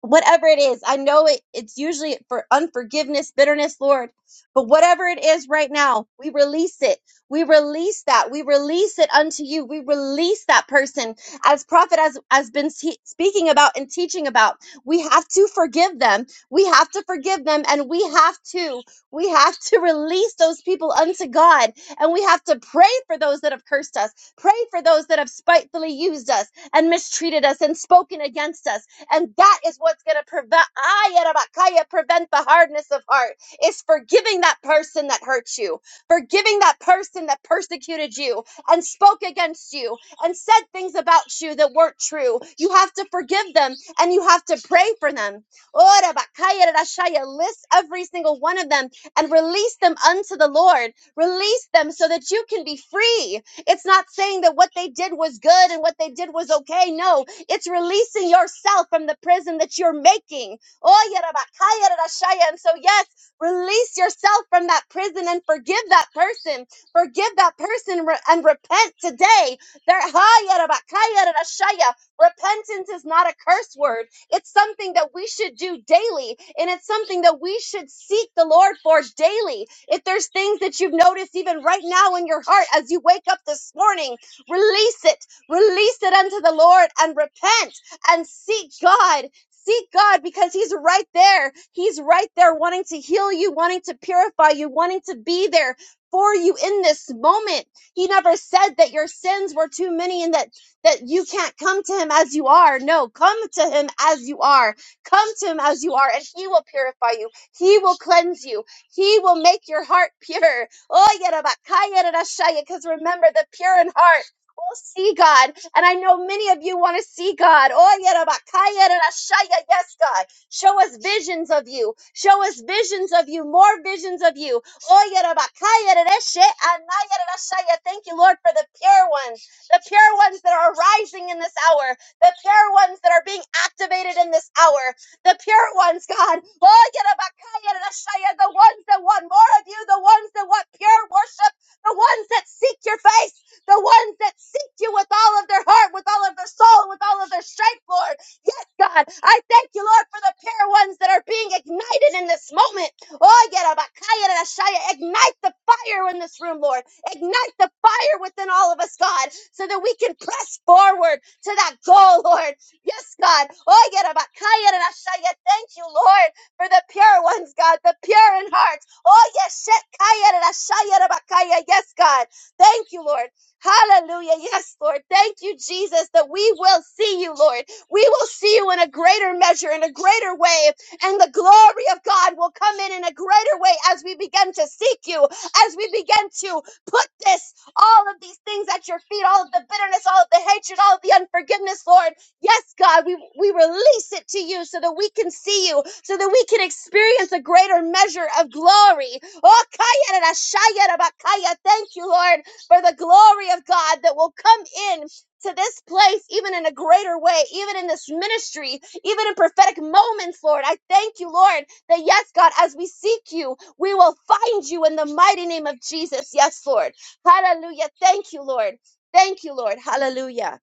Speaker 5: whatever it is i know it it's usually for unforgiveness bitterness lord but whatever it is right now we release it we release that we release it unto you we release that person as prophet has has been te- speaking about and teaching about we have to forgive them we have to forgive them and we have to we have to release those people unto god and we have to pray for those that have cursed us pray for those that have spitefully used us and mistreated us and spoken against us and that is what's going to prevent, ayarabakaya, prevent the hardness of heart is forgiving that person that hurt you, forgiving that person that persecuted you and spoke against you and said things about you that weren't true. You have to forgive them and you have to pray for them. Orabakayarashaya, List every single one of them and release them unto the Lord. Release them so that you can be free. It's not saying that what they did was good and what they did was okay. No, it's releasing yourself from the prison that you're making. Oh, yarabakaya rarashaya. And so, yes, release yourself from that prison and forgive that person. Forgive that person re- and repent today. There, ha, yarabakaya rarashaya. Repentance is not a curse word. It's something that we should do daily, and it's something that we should seek the Lord for daily. If there's things that you've noticed even right now in your heart as you wake up this morning, release it Release it unto the Lord and repent and seek God. Seek God because He's right there. He's right there wanting to heal you, wanting to purify you, wanting to be there for you in this moment. He never said that your sins were too many and that, that you can't come to Him as you are. No, come to Him as you are. Come to Him as you are and He will purify you. He will cleanse you. He will make your heart pure. Oh, because remember, the pure in heart will see God. And I know many of you want to see God. Oh, yeah, Rabbi, kaya, da, da, Yes, God. Show us visions of you. Show us visions of you. More visions of you. Oh, yeah, Rabbi, kaya, da, da, she, anaya, da, da, Thank you, Lord, for the pure ones. The pure ones that are arising in this hour. The pure ones that are being activated in this hour. The pure ones, God. Oh, yeah, Rabbi, kaya, da, da, The ones that want more of you. The ones that want pure worship. The ones that seek your face the ones that seek you with all of their heart, with all of their soul, with all of their strength, Lord. Yes, God, I thank you, Lord, for the pure ones that are being ignited in this moment. Oh, Yerabakaya and ashaya, ignite the fire in this room, Lord. Ignite the fire within all of us, God, so that we can press forward to that goal, Lord. Yes, God. Oh, Yerabakaya and ashaya. thank you, Lord, for the pure ones, God, the pure in heart. Oh, yes, Shekaya and ashaya Rabakaya. Yes, God. Thank you, Lord. Hallelujah. Yes, Lord. Thank you, Jesus, that we will see you, Lord. We will see you in a greater measure, in a greater way, and the glory of God will come in in a greater way as we begin to seek you, as we begin to put this, all of these things at your feet, all of the bitterness, all of the hatred, all of the unforgiveness, Lord. Yes, God, we, we release it to you so that we can see you, so that we can experience a greater measure of glory. Oh, Kaya, da, da, Shaya, da, ba, Kaya. thank you, Lord for the glory of God that will come in to this place, even in a greater way, even in this ministry, even in prophetic moments, Lord. I thank you, Lord, that yes, God, as we seek you, we will find you in the mighty name of Jesus. Yes, Lord. Hallelujah. Thank you, Lord. Thank you, Lord. Hallelujah.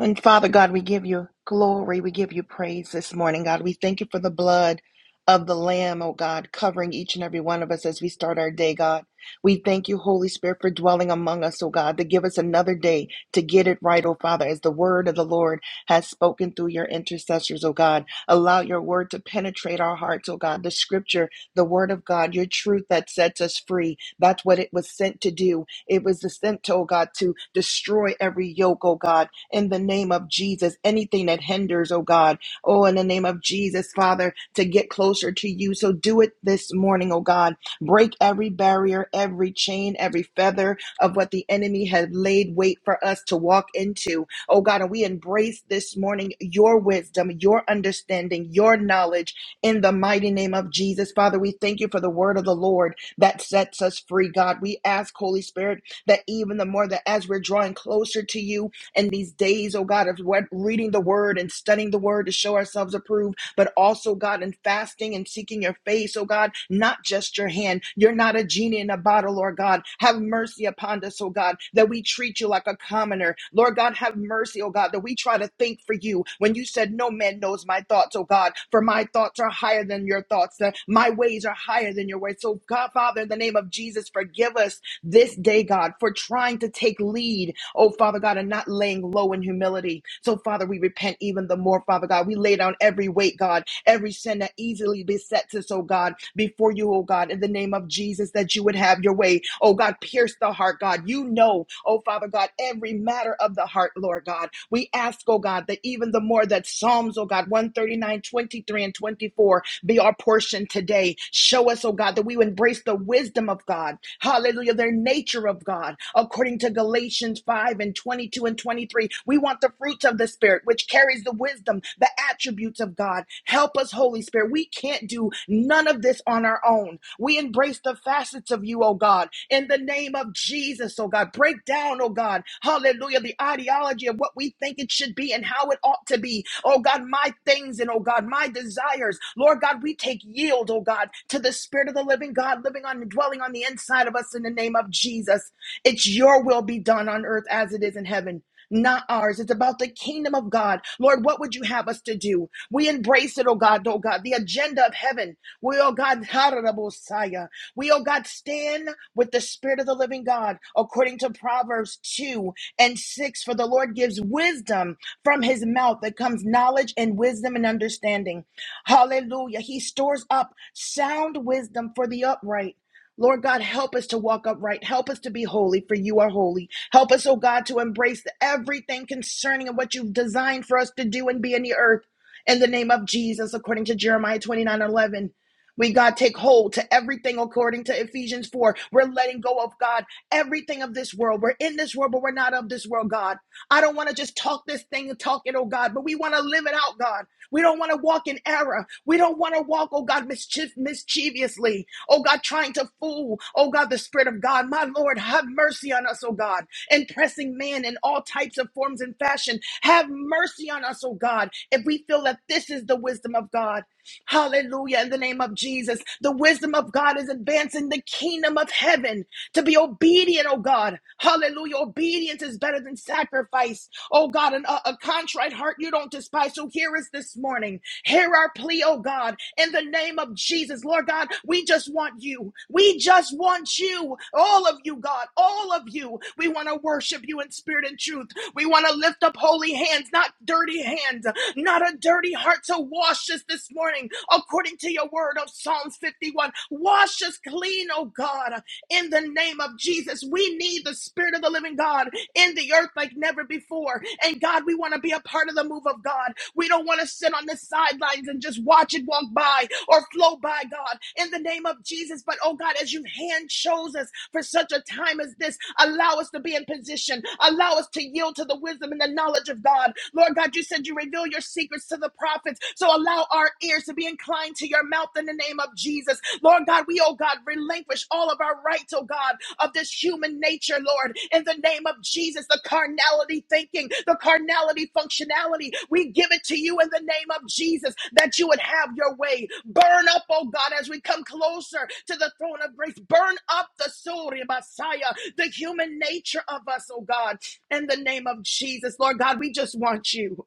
Speaker 6: And Father God, we give you glory. We give you praise this morning, God. We thank you for the blood of the Lamb, oh God, covering each and every one of us as we start our day, God. We thank you, Holy Spirit, for dwelling among us, oh God, to give us another day to get it right, oh Father, as the word of the Lord has spoken through your intercessors, oh God. Allow your word to penetrate our hearts, oh God. The scripture, the word of God, your truth that sets us free. That's what it was sent to do. It was sent, oh God, to destroy every yoke, oh God in the name of Jesus. Anything that hinders, oh God, oh, in the name of Jesus, Father, to get closer to you. So do it this morning, oh God. Break every barrier, every chain, every feather of what the enemy has laid wait for us to walk into, oh God. And we embrace this morning your wisdom, your understanding, your knowledge in the mighty name of Jesus. Father, we thank you for the word of the Lord that sets us free, God. We ask, Holy Spirit, that even the more that as we're drawing closer to you, and these days, oh God, of what- reading the word and studying the word to show ourselves approved, but also, God, in fasting and seeking your face, oh God, not just your hand. You're not a genie in a bottle, Lord God. Have mercy upon us, oh God, that we treat you like a commoner. Lord God, have mercy, oh God, that we try to think for you when you said, No man knows my thoughts, oh God, for my thoughts are higher than your thoughts, that my ways are higher than your ways. So, God, Father, in the name of Jesus, forgive us this day, God, for trying to take lead oh Father God, and not laying low in humility. So, Father, we repent even the more, Father God. We lay down every weight, God, every sin that easily besets us, oh God, before you, oh God, in the name of Jesus, that you would have your way. Oh God, pierce the heart, God. You know, oh Father God, every matter of the heart, Lord God. We ask, oh God, that even the more that Psalms, oh God, one thirty nine, twenty three, and 24 be our portion today. Show us, oh God, that we embrace the wisdom of God. Hallelujah. Their nature of God. According to Galatians 5 and 22 and 23, we want the fruits of the Spirit, which carries the wisdom, the attributes of God. Help us, Holy Spirit. We can't do none of this on our own. We embrace embrace the facets of you, oh God, in the name of Jesus, oh God. Break down, oh God, hallelujah, the ideology of what we think it should be and how it ought to be, oh God, my things and oh God, my desires. Lord God, we take yield, oh God, to the Spirit of the living God living on and dwelling on the inside of us in the name of Jesus. It's your will be done on earth as it is in heaven not ours. It's about the kingdom of God. Lord, what would you have us to do? We embrace it, oh God, oh God, the agenda of heaven. We, oh God, We, oh God, stand with the Spirit of the living God according to Proverbs 2 and 6. For the Lord gives wisdom from his mouth that comes knowledge and wisdom and understanding. Hallelujah. He stores up sound wisdom for the upright. Lord God, help us to walk upright. Help us to be holy, for you are holy. Help us, oh God, to embrace everything concerning and what you've designed for us to do and be in the earth. In the name of Jesus, according to Jeremiah 29:11. We, God, take hold to everything according to Ephesians 4. We're letting go of God, everything of this world. We're in this world, but we're not of this world, God. I don't want to just talk this thing and talk it, oh God, but we want to live it out, God. We don't want to walk in error. We don't want to walk, oh God, mischief, mischievously. Oh God, trying to fool, oh God, the Spirit of God. My Lord, have mercy on us, oh God. Impressing man in all types of forms and fashion. Have mercy on us, oh God, if we feel that this is the wisdom of God. Hallelujah. In the name of Jesus, the wisdom of God is advancing the kingdom of heaven to be obedient, oh God. Hallelujah. Obedience is better than sacrifice, oh God. And a, a contrite heart you don't despise. So here is this morning. Hear our plea, oh God, in the name of Jesus. Lord God, we just want you. We just want you. All of you, God, all of you. We want to worship you in spirit and truth. We want to lift up holy hands, not dirty hands, not a dirty heart. So wash us this morning according to your word of Psalms 51. Wash us clean, oh God in the name of Jesus. We need the Spirit of the living God in the earth like never before. And God, we want to be a part of the move of God. We don't want to sit on the sidelines and just watch it walk by or flow by, God, in the name of Jesus. But oh God, as you hand chose us for such a time as this, allow us to be in position, allow us to yield to the wisdom and the knowledge of God. Lord God, you said you reveal your secrets to the prophets. So allow our ears to be inclined to into your mouth in the name of Jesus. Lord God, we, oh God, relinquish all of our rights, oh God, of this human nature, Lord, in the name of Jesus, the carnality thinking, the carnality functionality. We give it to you in the name of Jesus that you would have your way. Burn up, oh God, as we come closer to the throne of grace. Burn up the soul, Messiah, the human nature of us, oh God, in the name of Jesus. Lord God, we just want you.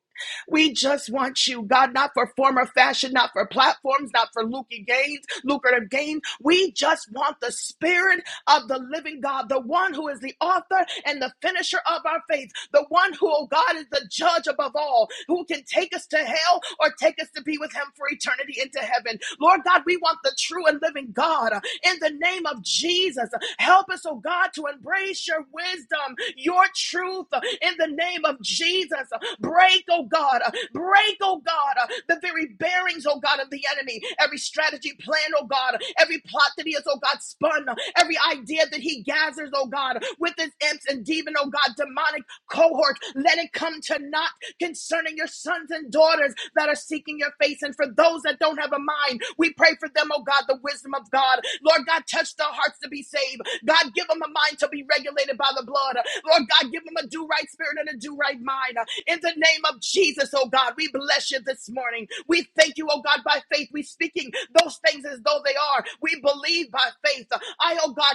Speaker 6: We just want you, God, not for form or fashion, not for platforms, not for lucrative gains, lucrative gains. We just want the spirit of the living God, the one who is the author and the finisher of our faith, the one who, oh God, is the judge above all, who can take us to hell or take us to be with him for eternity into heaven. Lord God, we want the true and living God uh, in the name of Jesus. Help us, oh God, to embrace your wisdom, your truth uh, in the name of Jesus. Uh, Break, oh God, uh, break, oh God, uh, the very bearings, oh God, of the enemy. Every strategy plan, oh God, every plot that he has, oh God, spun, uh, every idea that he gathers, oh God, with his imps and demon, oh God, demonic cohort. Let it come to naught concerning your sons and daughters that are seeking your face. And for those that don't have a mind, we pray for them, oh God, the wisdom of God. Lord God, touch their hearts to be saved. God, give them a mind to be regulated by the blood. Lord God, give them a do right spirit and a do right mind. In the name of Jesus, oh God, we bless you this morning. We thank you, oh God, by faith. We speaking those things as though they are. We believe by faith. I, oh God,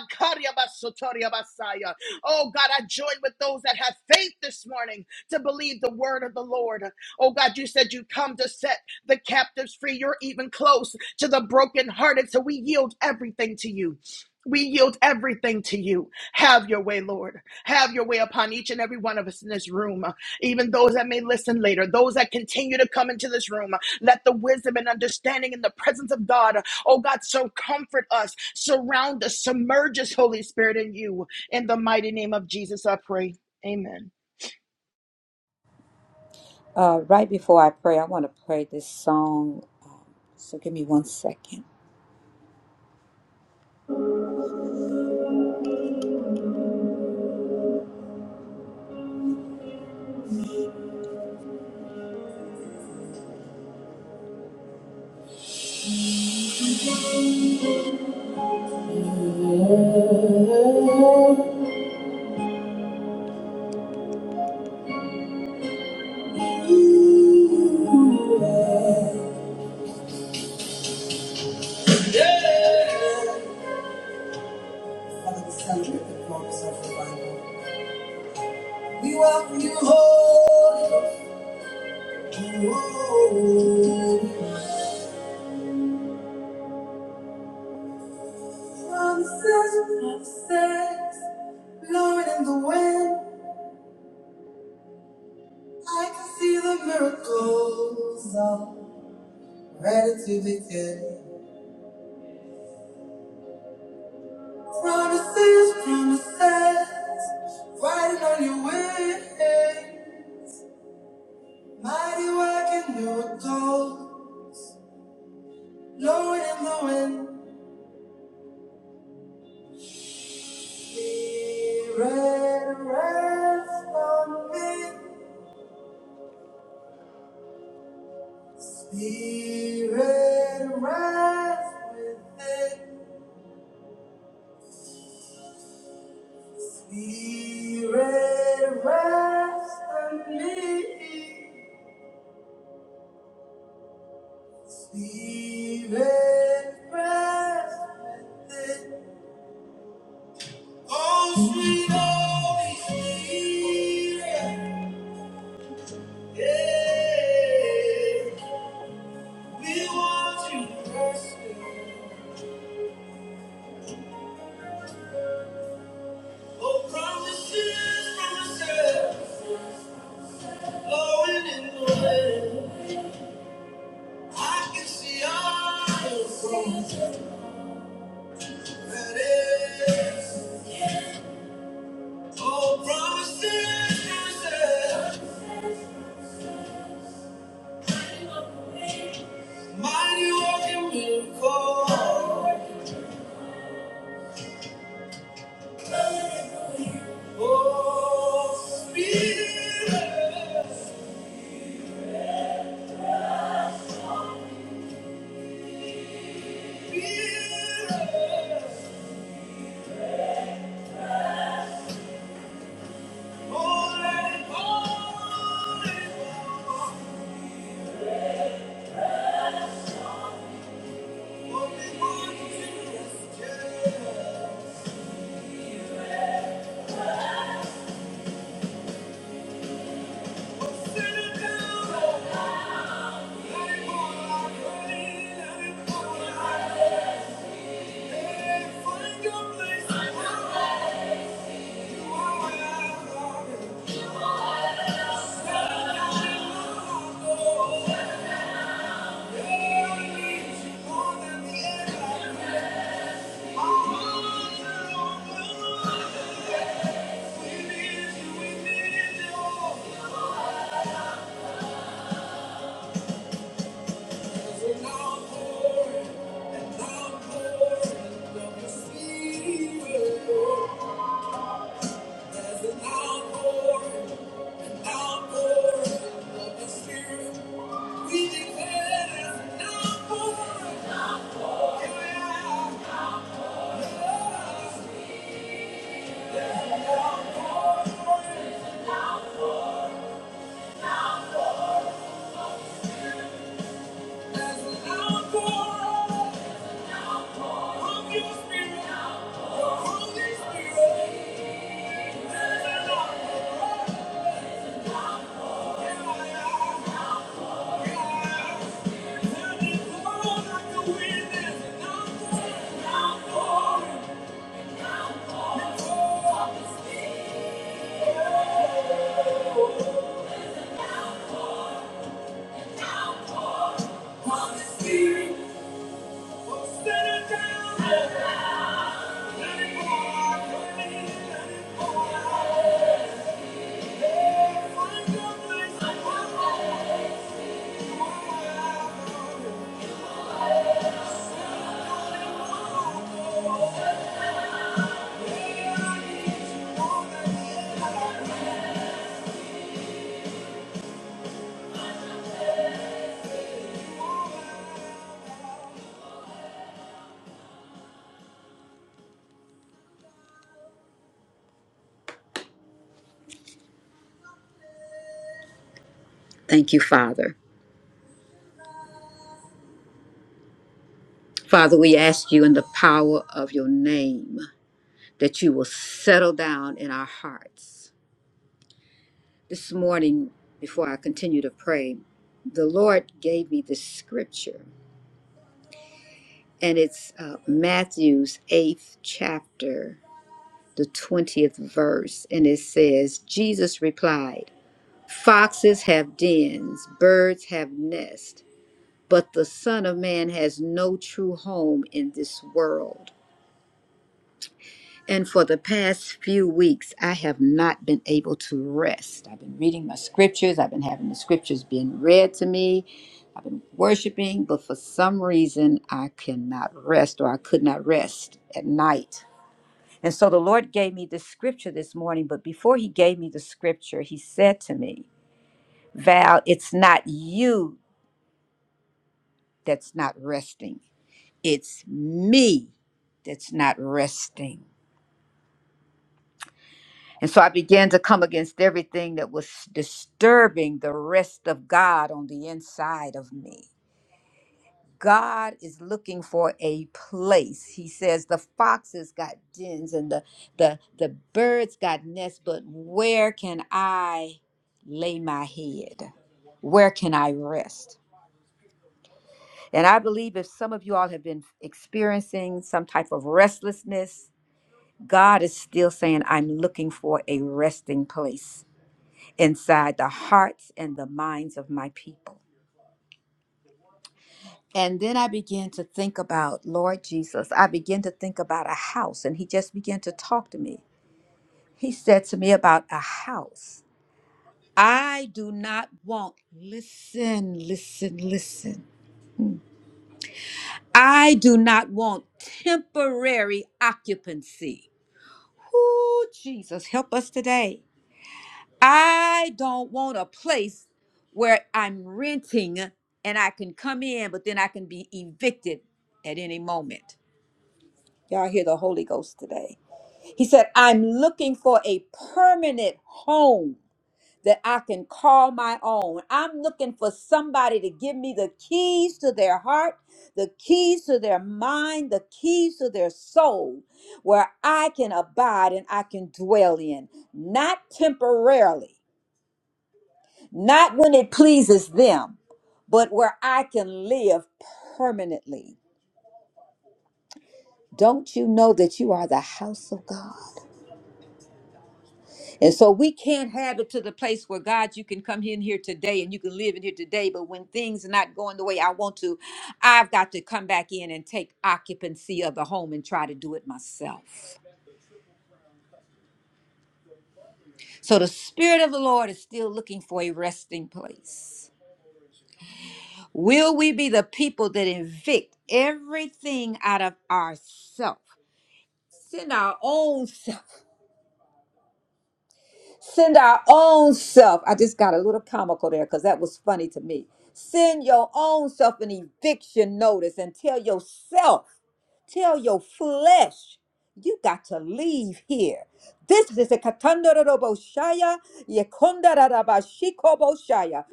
Speaker 6: oh God, I join with those that have faith this morning to believe the word of the Lord. Oh God, you said you come to set the captives free. You're even close to the brokenhearted. So we yield everything to you. We yield everything to you. Have your way, Lord. Have your way upon each and every one of us in this room, even those that may listen later, those that continue to come into this room. Let the wisdom and understanding in the presence of God, oh God, so comfort us, surround us, submerge us, Holy Spirit, in you. In the mighty name of Jesus, I pray. Amen.
Speaker 7: Uh, right before I pray, I want to pray this song. Um, so give me one second. Father, this country, the promise of revival. We welcome you, Holy Whoa. Promises, promises, blowing in the wind. I can see the miracles are ready to begin. Promises, promises, riding on your way. Mighty working miracle, blowing in the wind. Spirit, rest on me. Spirit, rest within. Spirit, rest on me. Spirit, rest within. Oh, sweet Holy Spirit. Yeah. We want you to rescue. Oh, promises, promises, blowing in the wind. I can see eyes from that is. Oh, promises, promises, mighty walking miracle. Oh, Spirit, Spirit, holy, holy, holy. Oh, Spirit. Thank you, Father. Father, we ask you in the power of your name that you will settle down in our hearts. This morning, before I continue to pray, the Lord gave me this scripture, and it's uh, Matthew's eighth chapter, the 20th verse, and it says, Jesus replied, Foxes have dens, birds have nests, but the Son of Man has no true home in this world. And for the past few weeks, I have not been able to rest. I've been reading my scriptures, I've been having the scriptures being read to me, I've been worshiping, but for some reason, I cannot rest or I could not rest at night. And so the Lord gave me this scripture this morning, but before He gave me the scripture, He said to me, Val, it's not you that's not resting, it's me that's not resting. And so I began to come against everything that was disturbing the rest of God on the inside of me. God is looking for a place. He says the foxes got dens and the the the birds got nests, but where can I lay my head? Where can I rest? And I believe if some of you all have been experiencing some type of restlessness, God is still saying, I'm looking for a resting place. inside the hearts and the minds of my people. And then I began to think about Lord Jesus. I began to think about a house, and he just began to talk to me. He said to me about a house. I do not want, listen, listen, listen. I do not want temporary occupancy. Ooh, Jesus, help us today. I don't want a place where I'm renting and I can come in, but then I can be evicted at any moment. Y'all hear the Holy Ghost today. He said, I'm looking for a permanent home that I can call my own. I'm looking for somebody to give me the keys to their heart, the keys to their mind, the keys to their soul, where I can abide and I can dwell in, not temporarily not when it pleases them, but where I can live permanently. Don't you know that you are the house of God? And so we can't have it to the place where God, you can come in here today and you can live in here today, but when things are not going the way I want to, I've got to come back in and take occupancy of the home and try to do it myself. So the Spirit of the Lord is still looking for a resting place. Will we be the people that evict everything out of ourselves? Send our own self. Send our own self. I just got a little comical there because that was funny to me. Send your own self an eviction notice and tell yourself tell your flesh you got to leave here. This is a katandarabashaya, yekondarabashikoboshaya.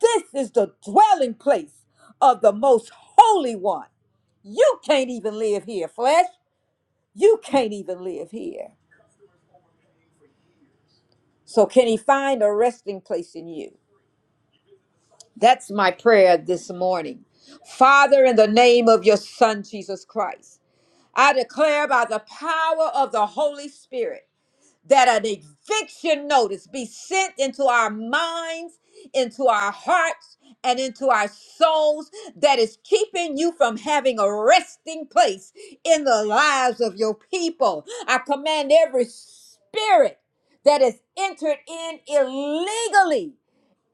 Speaker 7: This is the dwelling place of the most holy one. You can't even live here, flesh. You can't even live here. So, can he find a resting place in you? That's my prayer this morning. Father, in the name of your Son, Jesus Christ, I declare by the power of the Holy Spirit that an eviction notice be sent into our minds, into our hearts, and into our souls that is keeping you from having a resting place in the lives of your people. I command every spirit that has entered in illegally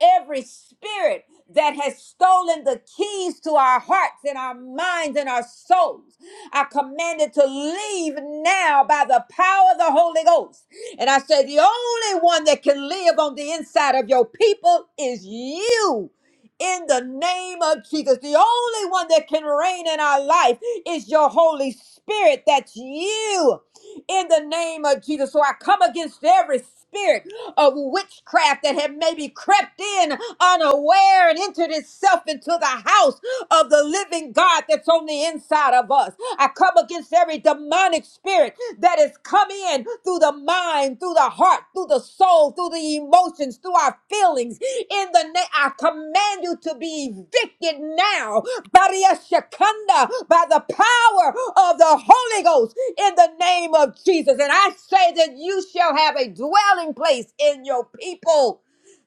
Speaker 7: every spirit that has stolen the keys to our hearts and our minds and our souls are commanded to leave now by the power of the Holy Ghost. And I say, the only one that can live on the inside of your people is you. In the name of Jesus, the only one that can reign in our life is your Holy Spirit. That's you in the name of Jesus. So I come against every spirit of witchcraft that had maybe crept in unaware and entered itself into the house of the living God that's on the inside of us. I come against every demonic spirit that has come in through the mind, through the heart, through the soul, through the emotions, through our feelings. In the name, I command you to be evicted now Maria Shekanda by the power of the Holy Ghost in the name of Jesus. And I say that you shall have a dwelling place in your people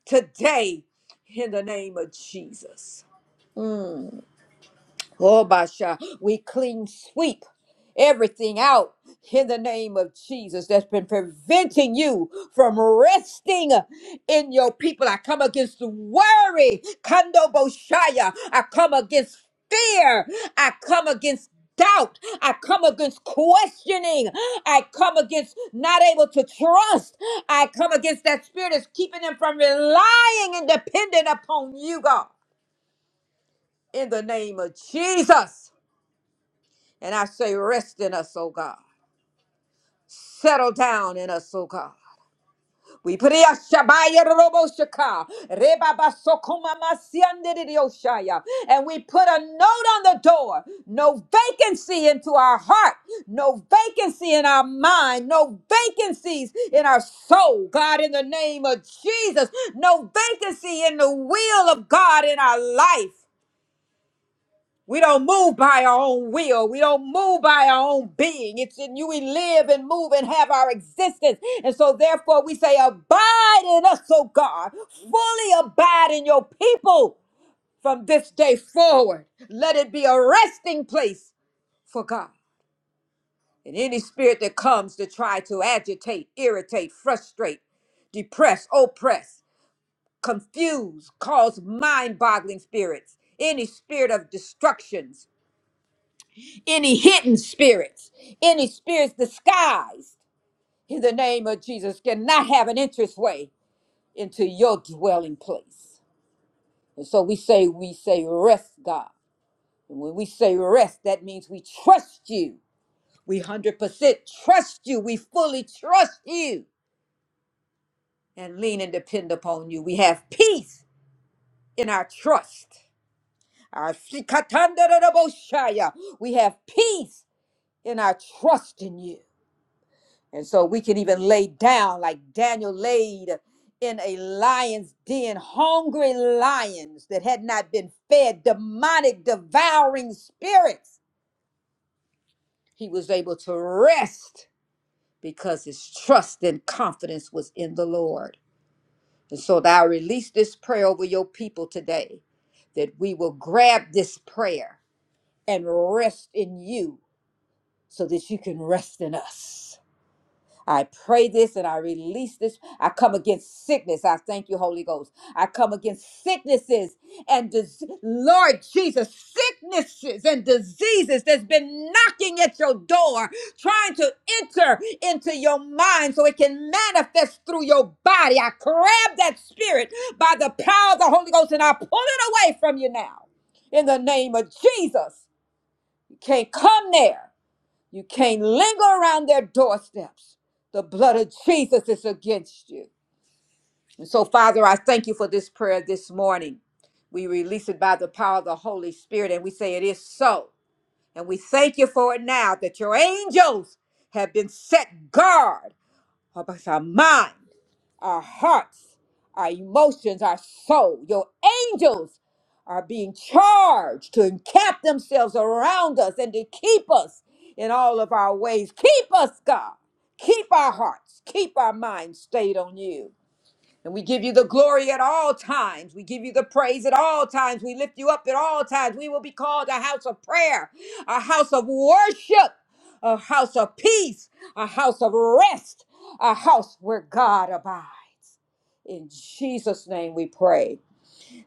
Speaker 7: today in the name of Jesus. Mm. Oh, Basha, we clean sweep everything out in the name of Jesus that's been preventing you from resting in your people. I come against worry, Kando Boshaya. I come against fear. I come against doubt. I come against questioning. I come against not able to trust. I come against that spirit that's keeping them from relying and depending upon you, God, in the name of Jesus. And I say, rest in us, oh God. Settle down in us, oh God. We put it Shabaya Robo Shaka, Reba Basokuma Masiande de Yoshaya. and we put a note on the door. No vacancy into our heart, no vacancy in our mind, no vacancies in our soul. God, in the name of Jesus, no vacancy in the will of God in our life. We don't move by our own will. We don't move by our own being. It's in you we live and move and have our existence. And so, therefore, we say, Abide in us, O God. Fully abide in your people from this day forward. Let it be a resting place for God. And any spirit that comes to try to agitate, irritate, frustrate, depress, oppress, confuse, cause mind boggling spirits, any spirit of destructions any hidden spirits, any spirits disguised in the name of Jesus cannot have an entrance way into your dwelling place. And so we say, we say, rest, God. And when we say rest, that means we trust you. We 100% trust you. We fully trust you and lean and depend upon you. We have peace in our trust. Our- We have peace in our trust in you. And so we can even lay down like Daniel laid in a lion's den, hungry lions that had not been fed, demonic, devouring spirits. He was able to rest because his trust and confidence was in the Lord. And so that I release this prayer over your people today that we will grab this prayer and rest in you so that you can rest in us. I pray this and I release this. I come against sickness. I thank you, Holy Ghost. I come against sicknesses and dis- Lord Jesus, sicknesses and diseases that's been knocking at your door, trying to enter into your mind so it can manifest through your body. I grab that spirit by the power of the Holy Ghost and I pull it away from you now in the name of Jesus. You can't come there. You can't linger around their doorsteps. The blood of Jesus is against you. And so, Father, I thank you for this prayer this morning. We release it by the power of the Holy Spirit and we say it is so. And we thank you for it now that your angels have been set guard about our mind our hearts, our emotions, our soul. Your angels are being charged to encamp themselves around us and to keep us in all of our ways. Keep us, God. Keep our hearts, keep our minds stayed on you. And we give you the glory at all times. We give you the praise at all times. We lift you up at all times. We will be called a house of prayer, a house of worship, a house of peace, a house of rest, a house where God abides. In Jesus' name we pray.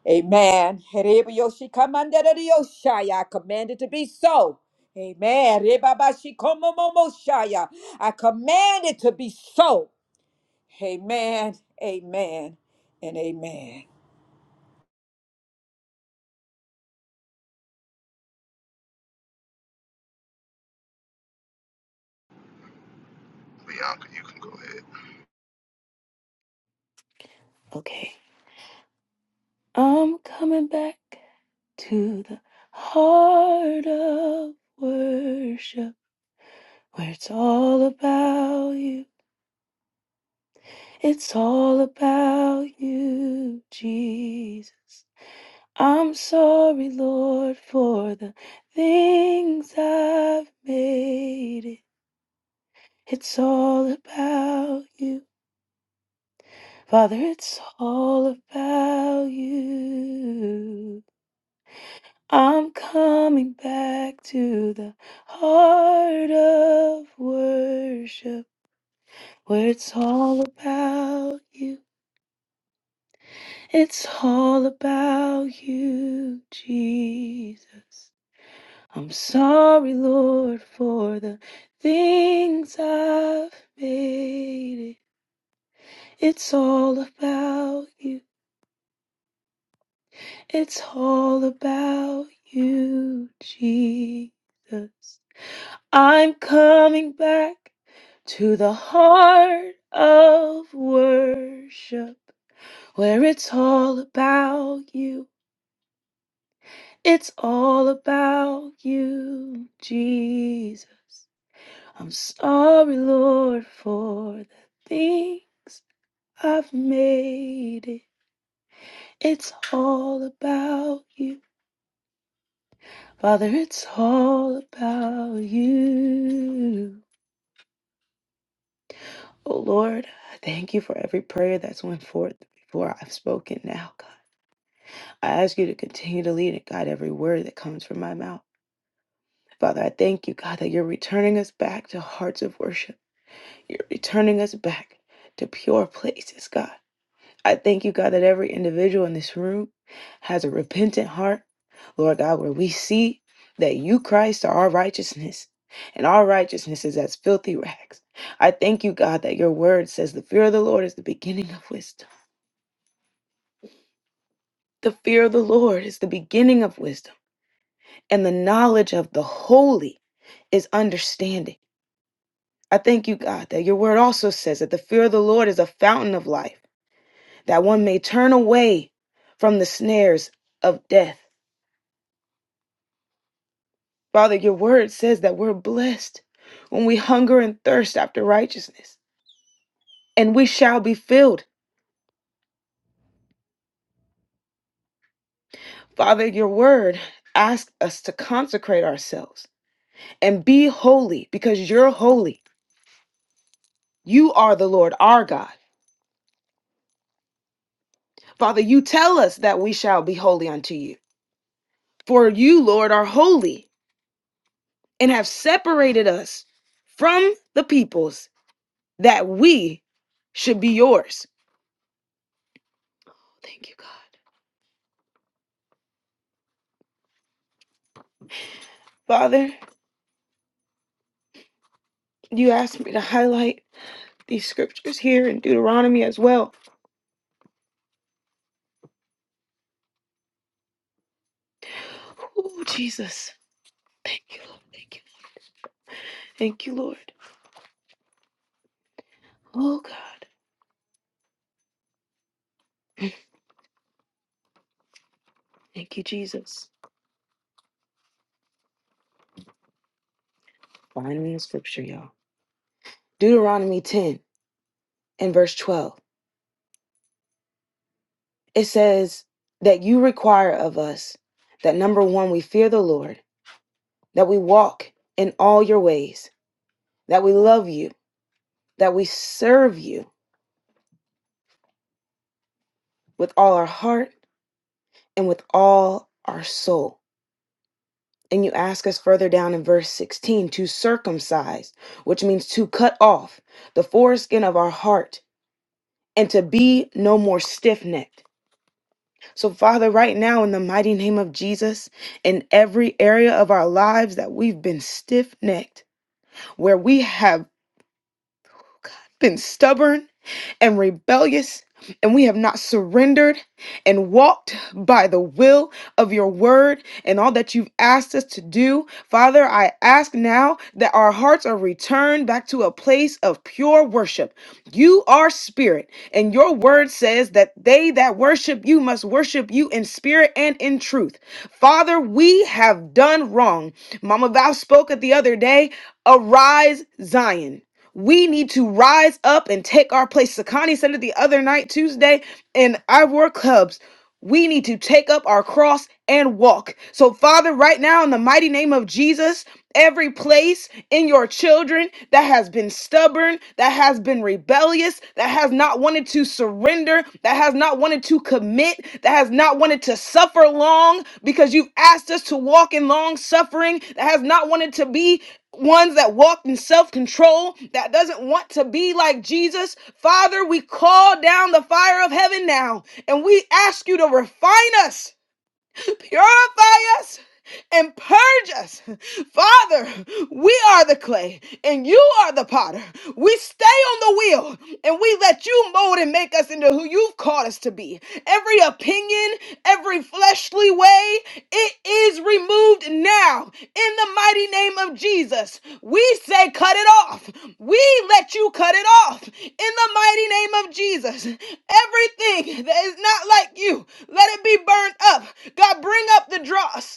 Speaker 7: Amen. Heribiyoshikamandadadiyoshaya. I command it to be so. Amen. Ribabashikomomomoshaya. I command it to be so. Amen. Amen. And amen.
Speaker 1: Bianca, you can go ahead.
Speaker 8: Okay. I'm coming back to the heart of worship where it's all about you. It's all about you, Jesus. I'm sorry, Lord, for the things I've made it. It's all about you. Father, it's all about you. I'm coming back to the heart of worship where it's all about you. It's all about you, Jesus. I'm sorry, Lord, for the things I've made. It. It's all about you. It's all about you, Jesus. I'm coming back to the heart of worship where it's all about you. It's all about you, Jesus. I'm sorry, Lord, for the things I've made it. It's all about you. Father, it's all about you. Oh Lord, I thank you for every prayer that's went forth before I've spoken now, God. I ask you to continue to lead and guide every word that comes from my mouth. Father, I thank you, God, that you're returning us back to hearts of worship. You're returning us back to pure places, God. I thank you, God, that every individual in this room has a repentant heart, Lord God, where we see that you, Christ, are our righteousness, and our righteousness is as filthy rags. I thank you, God, that your word says the fear of the Lord is the beginning of wisdom. The fear of the Lord is the beginning of wisdom, and the knowledge of the holy is understanding. I thank you, God, that your word also says that the fear of the Lord is a fountain of life, that one may turn away from the snares of death. Father, your word says that we're blessed when we hunger and thirst after righteousness, and we shall be filled. Father, your word asks us to consecrate ourselves and be holy because you're holy. You are the Lord our God. Father, you tell us that we shall be holy unto you. For you, Lord, are holy and have separated us from the peoples that we should be yours. Thank you, God. Father, you asked me to highlight these scriptures here in Deuteronomy as well. Oh, Jesus. Thank you, Lord. Thank you. Thank you, Lord. Oh, God. Thank you, Jesus. Find me in scripture, y'all. Deuteronomy 10 and verse 12. It says that you require of us that number one, we fear the Lord, that we walk in all your ways, that we love you, that we serve you with all our heart and with all our soul. And you ask us further down in verse 16 to circumcise, which means to cut off the foreskin of our heart and to be no more stiff necked. So, Father, right now, in the mighty name of Jesus, in every area of our lives that we've been stiff necked, where we have been stubborn, and rebellious, and we have not surrendered and walked by the will of your word and all that you've asked us to do. Father, I ask now that our hearts are returned back to a place of pure worship. You are spirit, and your word says that they that worship you must worship you in spirit and in truth. Father, we have done wrong. Mama Val spoke at the other day, arise, Zion. We need to rise up and take our place. Sakani said it the other night, Tuesday, in our work clubs. We need to take up our cross and walk. So, Father, right now, in the mighty name of Jesus, every place in your children that has been stubborn, that has been rebellious, that has not wanted to surrender, that has not wanted to commit, that has not wanted to suffer long because you've asked us to walk in long suffering, that has not wanted to be ones that walk in self-control that doesn't want to be like Jesus father we call down the fire of heaven now and we ask you to refine us Purify us and purge us. Father, we are the clay and you are the potter. We stay on the wheel and we let you mold and make us into who you've called us to be. Every opinion, every fleshly way, it is removed now in the mighty name of Jesus. We say, cut it off. We let you cut it off in the mighty name of Jesus. Everything that is not like you, let it be burned up. God, bring up the dross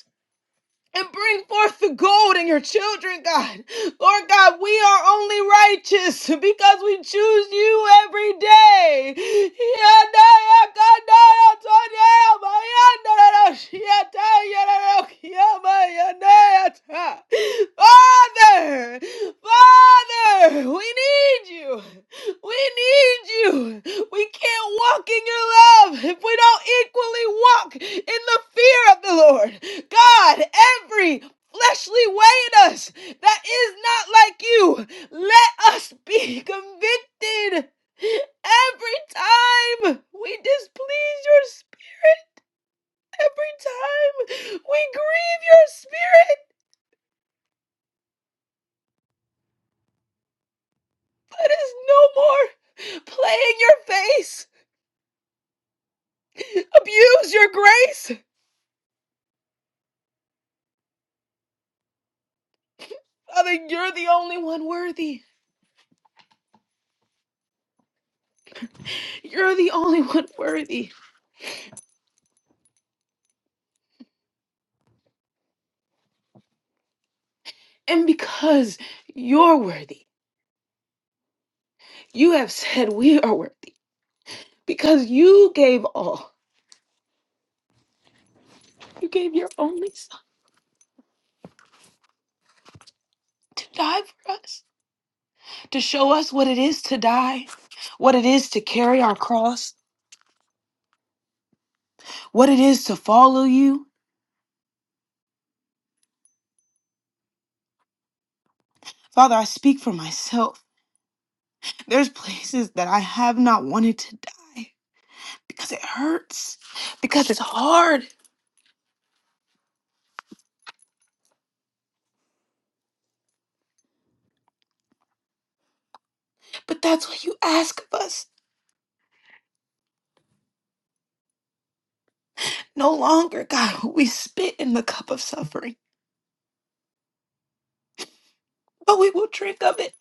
Speaker 8: and bring forth the gold in your children, God. Lord God, we are only righteous because we choose you every day. Father, Father, we need you. We need you. We can't walk in your love if we don't equally walk in the fear of the Lord. God, every fleshly way in us that is not like you, let us be convicted every time we displease your spirit. Every time we grieve your spirit, let us no more play in your face, abuse your grace. Father, you're the only one worthy. You're the only one worthy. And because you're worthy, you have said we are worthy. because you gave all. You gave your only son to die for us, to show us what it is to die, what it is to carry our cross, what it is to follow you. Father, I speak for myself. There's places that I have not wanted to die because it hurts, because it's hard. But that's what you ask of us. No longer, God, will we spit in the cup of suffering, but we will drink of it.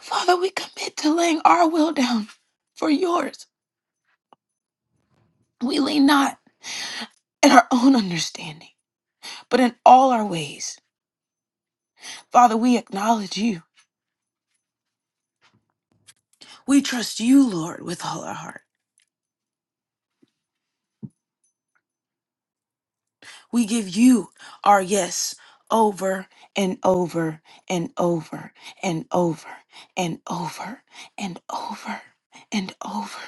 Speaker 8: Father, we commit to laying our will down for yours. We lean not in our own understanding, but in all our ways. Father, we acknowledge you. We trust you, Lord, with all our heart. We give you our yes over and over and over and over and over and over and over.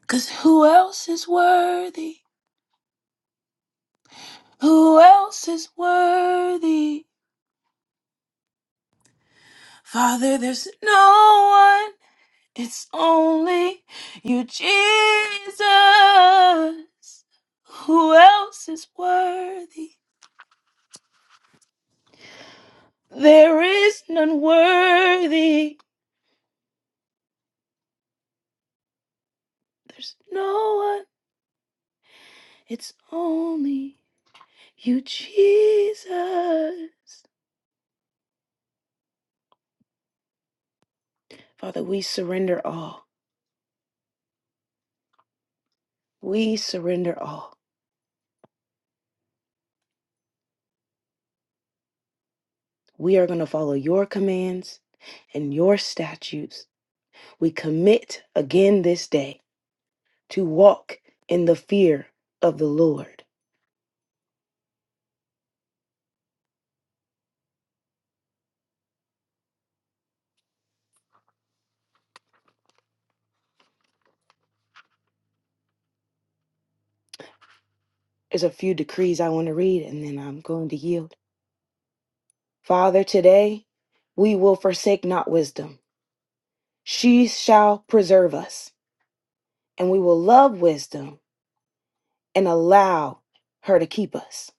Speaker 8: Because who else is worthy? Who else is worthy? Father, there's no one. It's only you, Jesus. Who else is worthy? There is none worthy. There's no one. It's only you, Jesus. Father, we surrender all. We surrender all. We are going to follow your commands and your statutes. We commit again this day to walk in the fear of the Lord. There's a few decrees I want to read, and then I'm going to yield. Father, today we will forsake not wisdom. She shall preserve us, and we will love wisdom and allow her to keep us.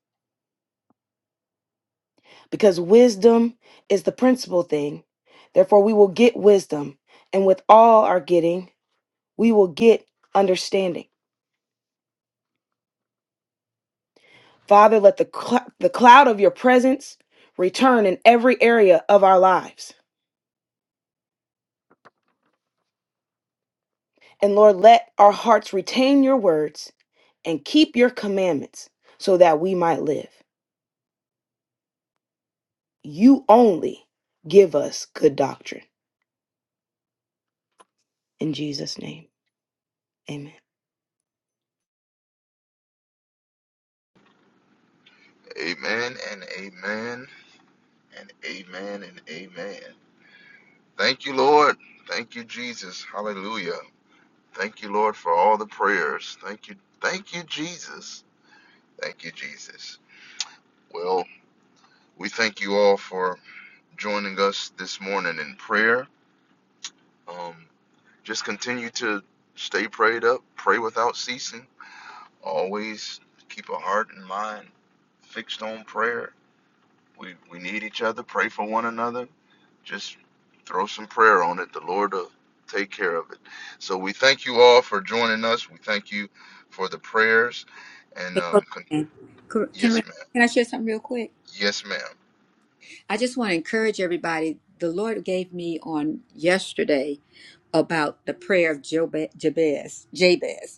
Speaker 8: Because wisdom is the principal thing. Therefore, we will get wisdom, and with all our getting, we will get understanding. Father, let the, cl- the cloud of your presence return in every area of our lives. And Lord, let our hearts retain your words and keep your commandments so that we might live. You only give us good doctrine. In Jesus' name, amen.
Speaker 1: Amen and amen and amen and amen. Thank you, Lord. Thank you, Jesus. Hallelujah. Thank you, Lord, for all the prayers. Thank you. Thank you, Jesus. Thank you, Jesus. Well, we thank you all for joining us this morning in prayer. Um, just continue to stay prayed up, pray without ceasing. Always keep a heart and mind fixed on prayer We we need each other. Pray for one another. Just throw some prayer on it. The Lord will take care of it. So we thank you all for joining us. We thank you for the prayers. And um, con-
Speaker 7: Can, can
Speaker 1: yes,
Speaker 7: I
Speaker 1: ma'am.
Speaker 7: can I share something real quick?
Speaker 1: Yes, ma'am.
Speaker 7: I just want to encourage everybody. The Lord gave me on yesterday about the prayer of Jobe- Jabez. Jabez.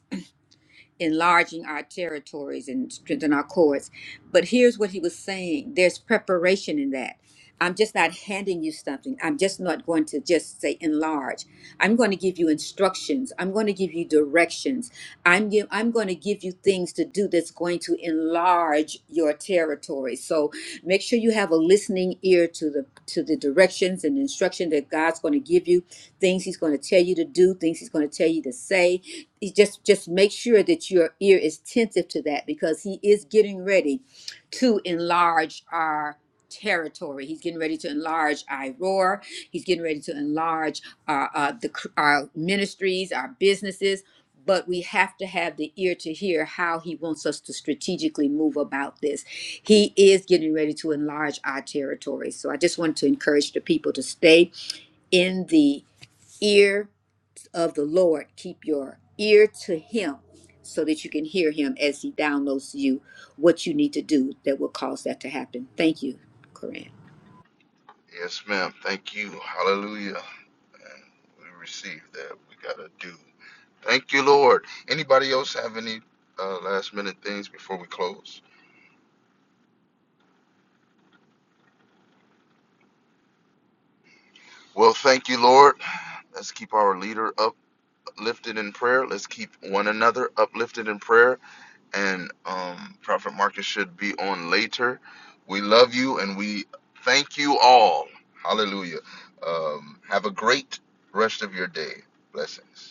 Speaker 7: enlarging our territories and strengthen our cords. But here's what he was saying there's preparation in that. I'm just not handing you something. I'm just not going to just say enlarge. I'm going to give you instructions. I'm going to give you directions. I'm give, I'm going to give you things to do that's going to enlarge your territory. So make sure you have a listening ear to the to the directions and instruction that God's going to give you, things he's going to tell you to do, things he's going to tell you to say you just just make sure that your ear is attentive to that because he is getting ready to enlarge our territory he's getting ready to enlarge our he's getting ready to enlarge our uh, the cr- our ministries our businesses but we have to have the ear to hear how he wants us to strategically move about this he is getting ready to enlarge our territory so i just want to encourage the people to stay in the ear voice of the Lord. Keep your ear to Him so that you can hear Him as He downloads to you what you need to do that will cause that to happen. Thank you, Corinne.
Speaker 1: Yes, ma'am. Thank you. Hallelujah. And we receive that. We gotta do. Thank you, Lord. Anybody else have any uh, last minute things before we close? Well, thank you, Lord. Let's keep our leader up. lifted in prayer. Let's keep one another uplifted in prayer. And um, Prophet Marcus should be on later. We love you and we thank you all. Hallelujah. Um, have a great rest of your day. Blessings.